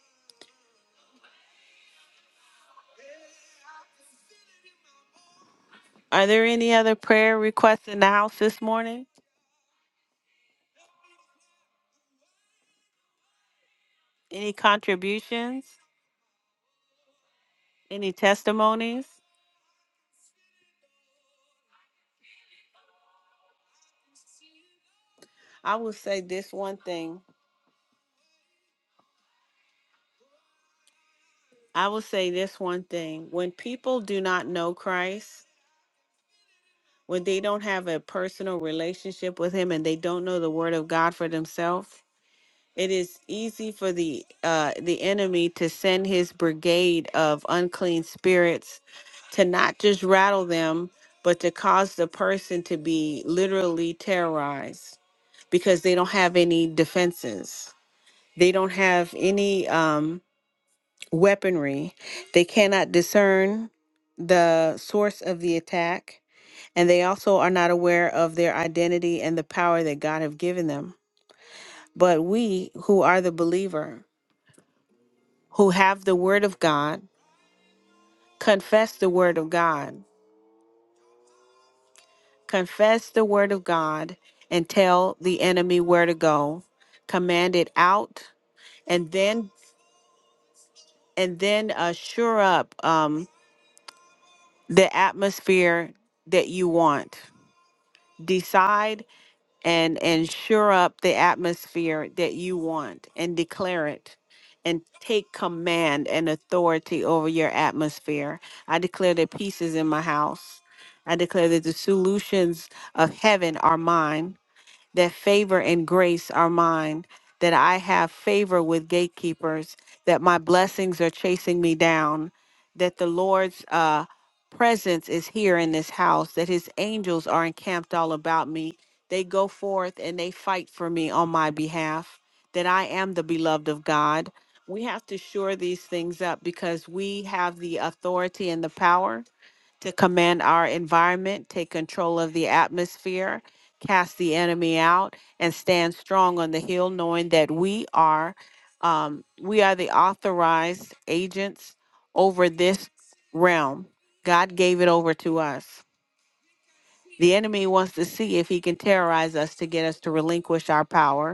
Speaker 1: Are there any other prayer requests in the house this morning? Any contributions? Any testimonies? I will say this one thing I will say this one thing when people do not know Christ, when they don't have a personal relationship with him and they don't know the word of God for themselves, it is easy for the uh the enemy to send his brigade of unclean spirits to not just rattle them, but to cause the person to be literally terrorized because they don't have any defenses. They don't have any um weaponry. They cannot discern the source of the attack, and they also are not aware of their identity and the power that God have given them. But we who are the believer, who have the word of God, confess the word of God. Confess the word of God and tell the enemy where to go. Command it out and then and then uh, sure up um, the atmosphere that you want. Decide and and sure up the atmosphere that you want and declare it and take command and authority over your atmosphere. I declare that peace is in my house. I declare that the solutions of heaven are mine that favor and grace are mine, that I have favor with gatekeepers, that my blessings are chasing me down, that the Lord's uh, presence is here in this house, that his angels are encamped all about me. They go forth and they fight for me on my behalf, that I am the beloved of God. We have to shore these things up because we have the authority and the power to command our environment, take control of the atmosphere, cast the enemy out, and stand strong on the hill, knowing that we are um, we are the authorized agents over this realm. God gave it over to us. The enemy wants to see if he can terrorize us to get us to relinquish our power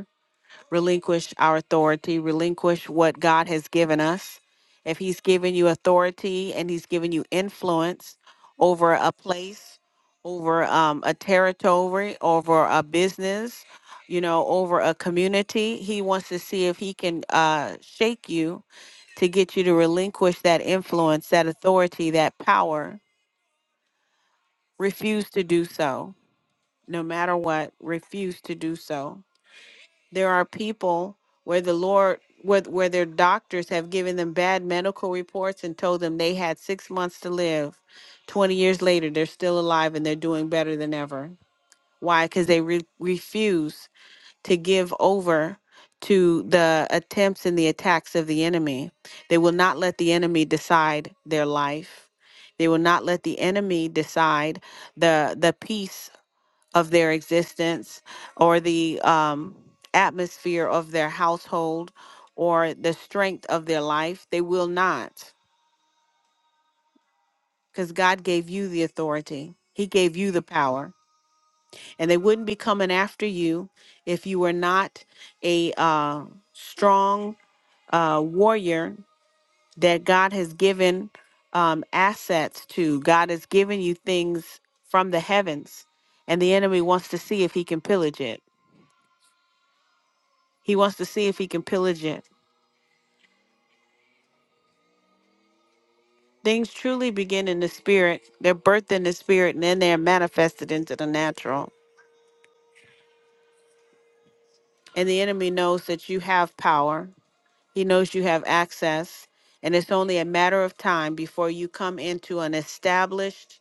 Speaker 1: relinquish our authority, relinquish what God has given us. If He's given you authority and He's given you influence over a place, over um, a territory, over a business, you know, over a community, He wants to see if He can uh, shake you to get you to relinquish that influence, that authority, that power. Refuse to do so, no matter what, refuse to do so there are people where the Lord, where, where their doctors have given them bad medical reports and told them they had six months to live. 20 years later, they're still alive and they're doing better than ever. Why? Because they re- refuse to give over to the attempts and the attacks of the enemy. They will not let the enemy decide their life. They will not let the enemy decide the the peace of their existence or the um, atmosphere of their household or the strength of their life. They will not, because God gave you the authority, He gave you the power. And they wouldn't be coming after you if you were not a uh, strong uh, warrior that God has given um, assets to. God has given you things from the heavens, and the enemy wants to see if he can pillage it. He wants to see if he can pillage it. Things truly begin in the spirit. They're birthed in the spirit and then they're manifested into the natural. And the enemy knows that you have power, he knows you have access. And it's only a matter of time before you come into an established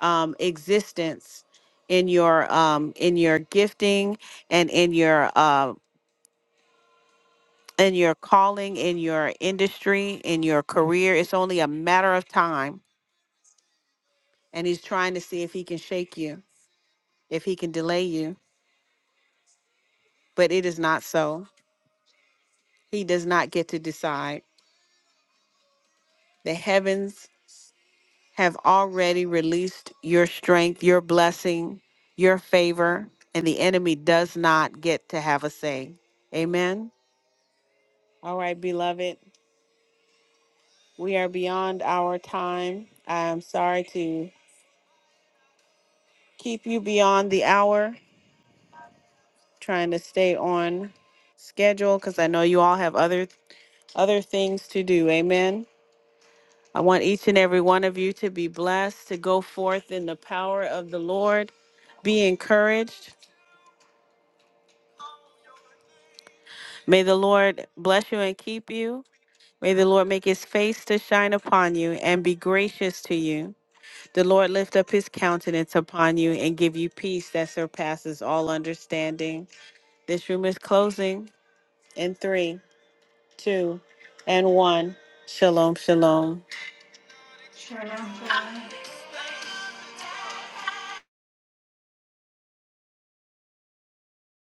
Speaker 1: um, existence in your um, in your gifting and in your uh, in your calling, in your industry, in your career. It's only a matter of time. And he's trying to see if he can shake you if he can delay you, but it is not so. He does not get to decide. The heavens have already released your strength, your blessing, your favor, and the enemy does not get to have a say. Amen. All right, beloved, we are beyond our time. I'm sorry to keep you beyond the hour, trying to stay on schedule because I know you all have other other things to do. Amen. I want each and every one of you to be blessed, to go forth in the power of the Lord. Be encouraged. May the Lord bless you and keep you. May the Lord make his face to shine upon you and be gracious to you. The Lord lift up his countenance upon you and give you peace that surpasses all understanding. This room is closing in three, two, and one. Shalom, shalom.
Speaker 4: Shalom, shalom.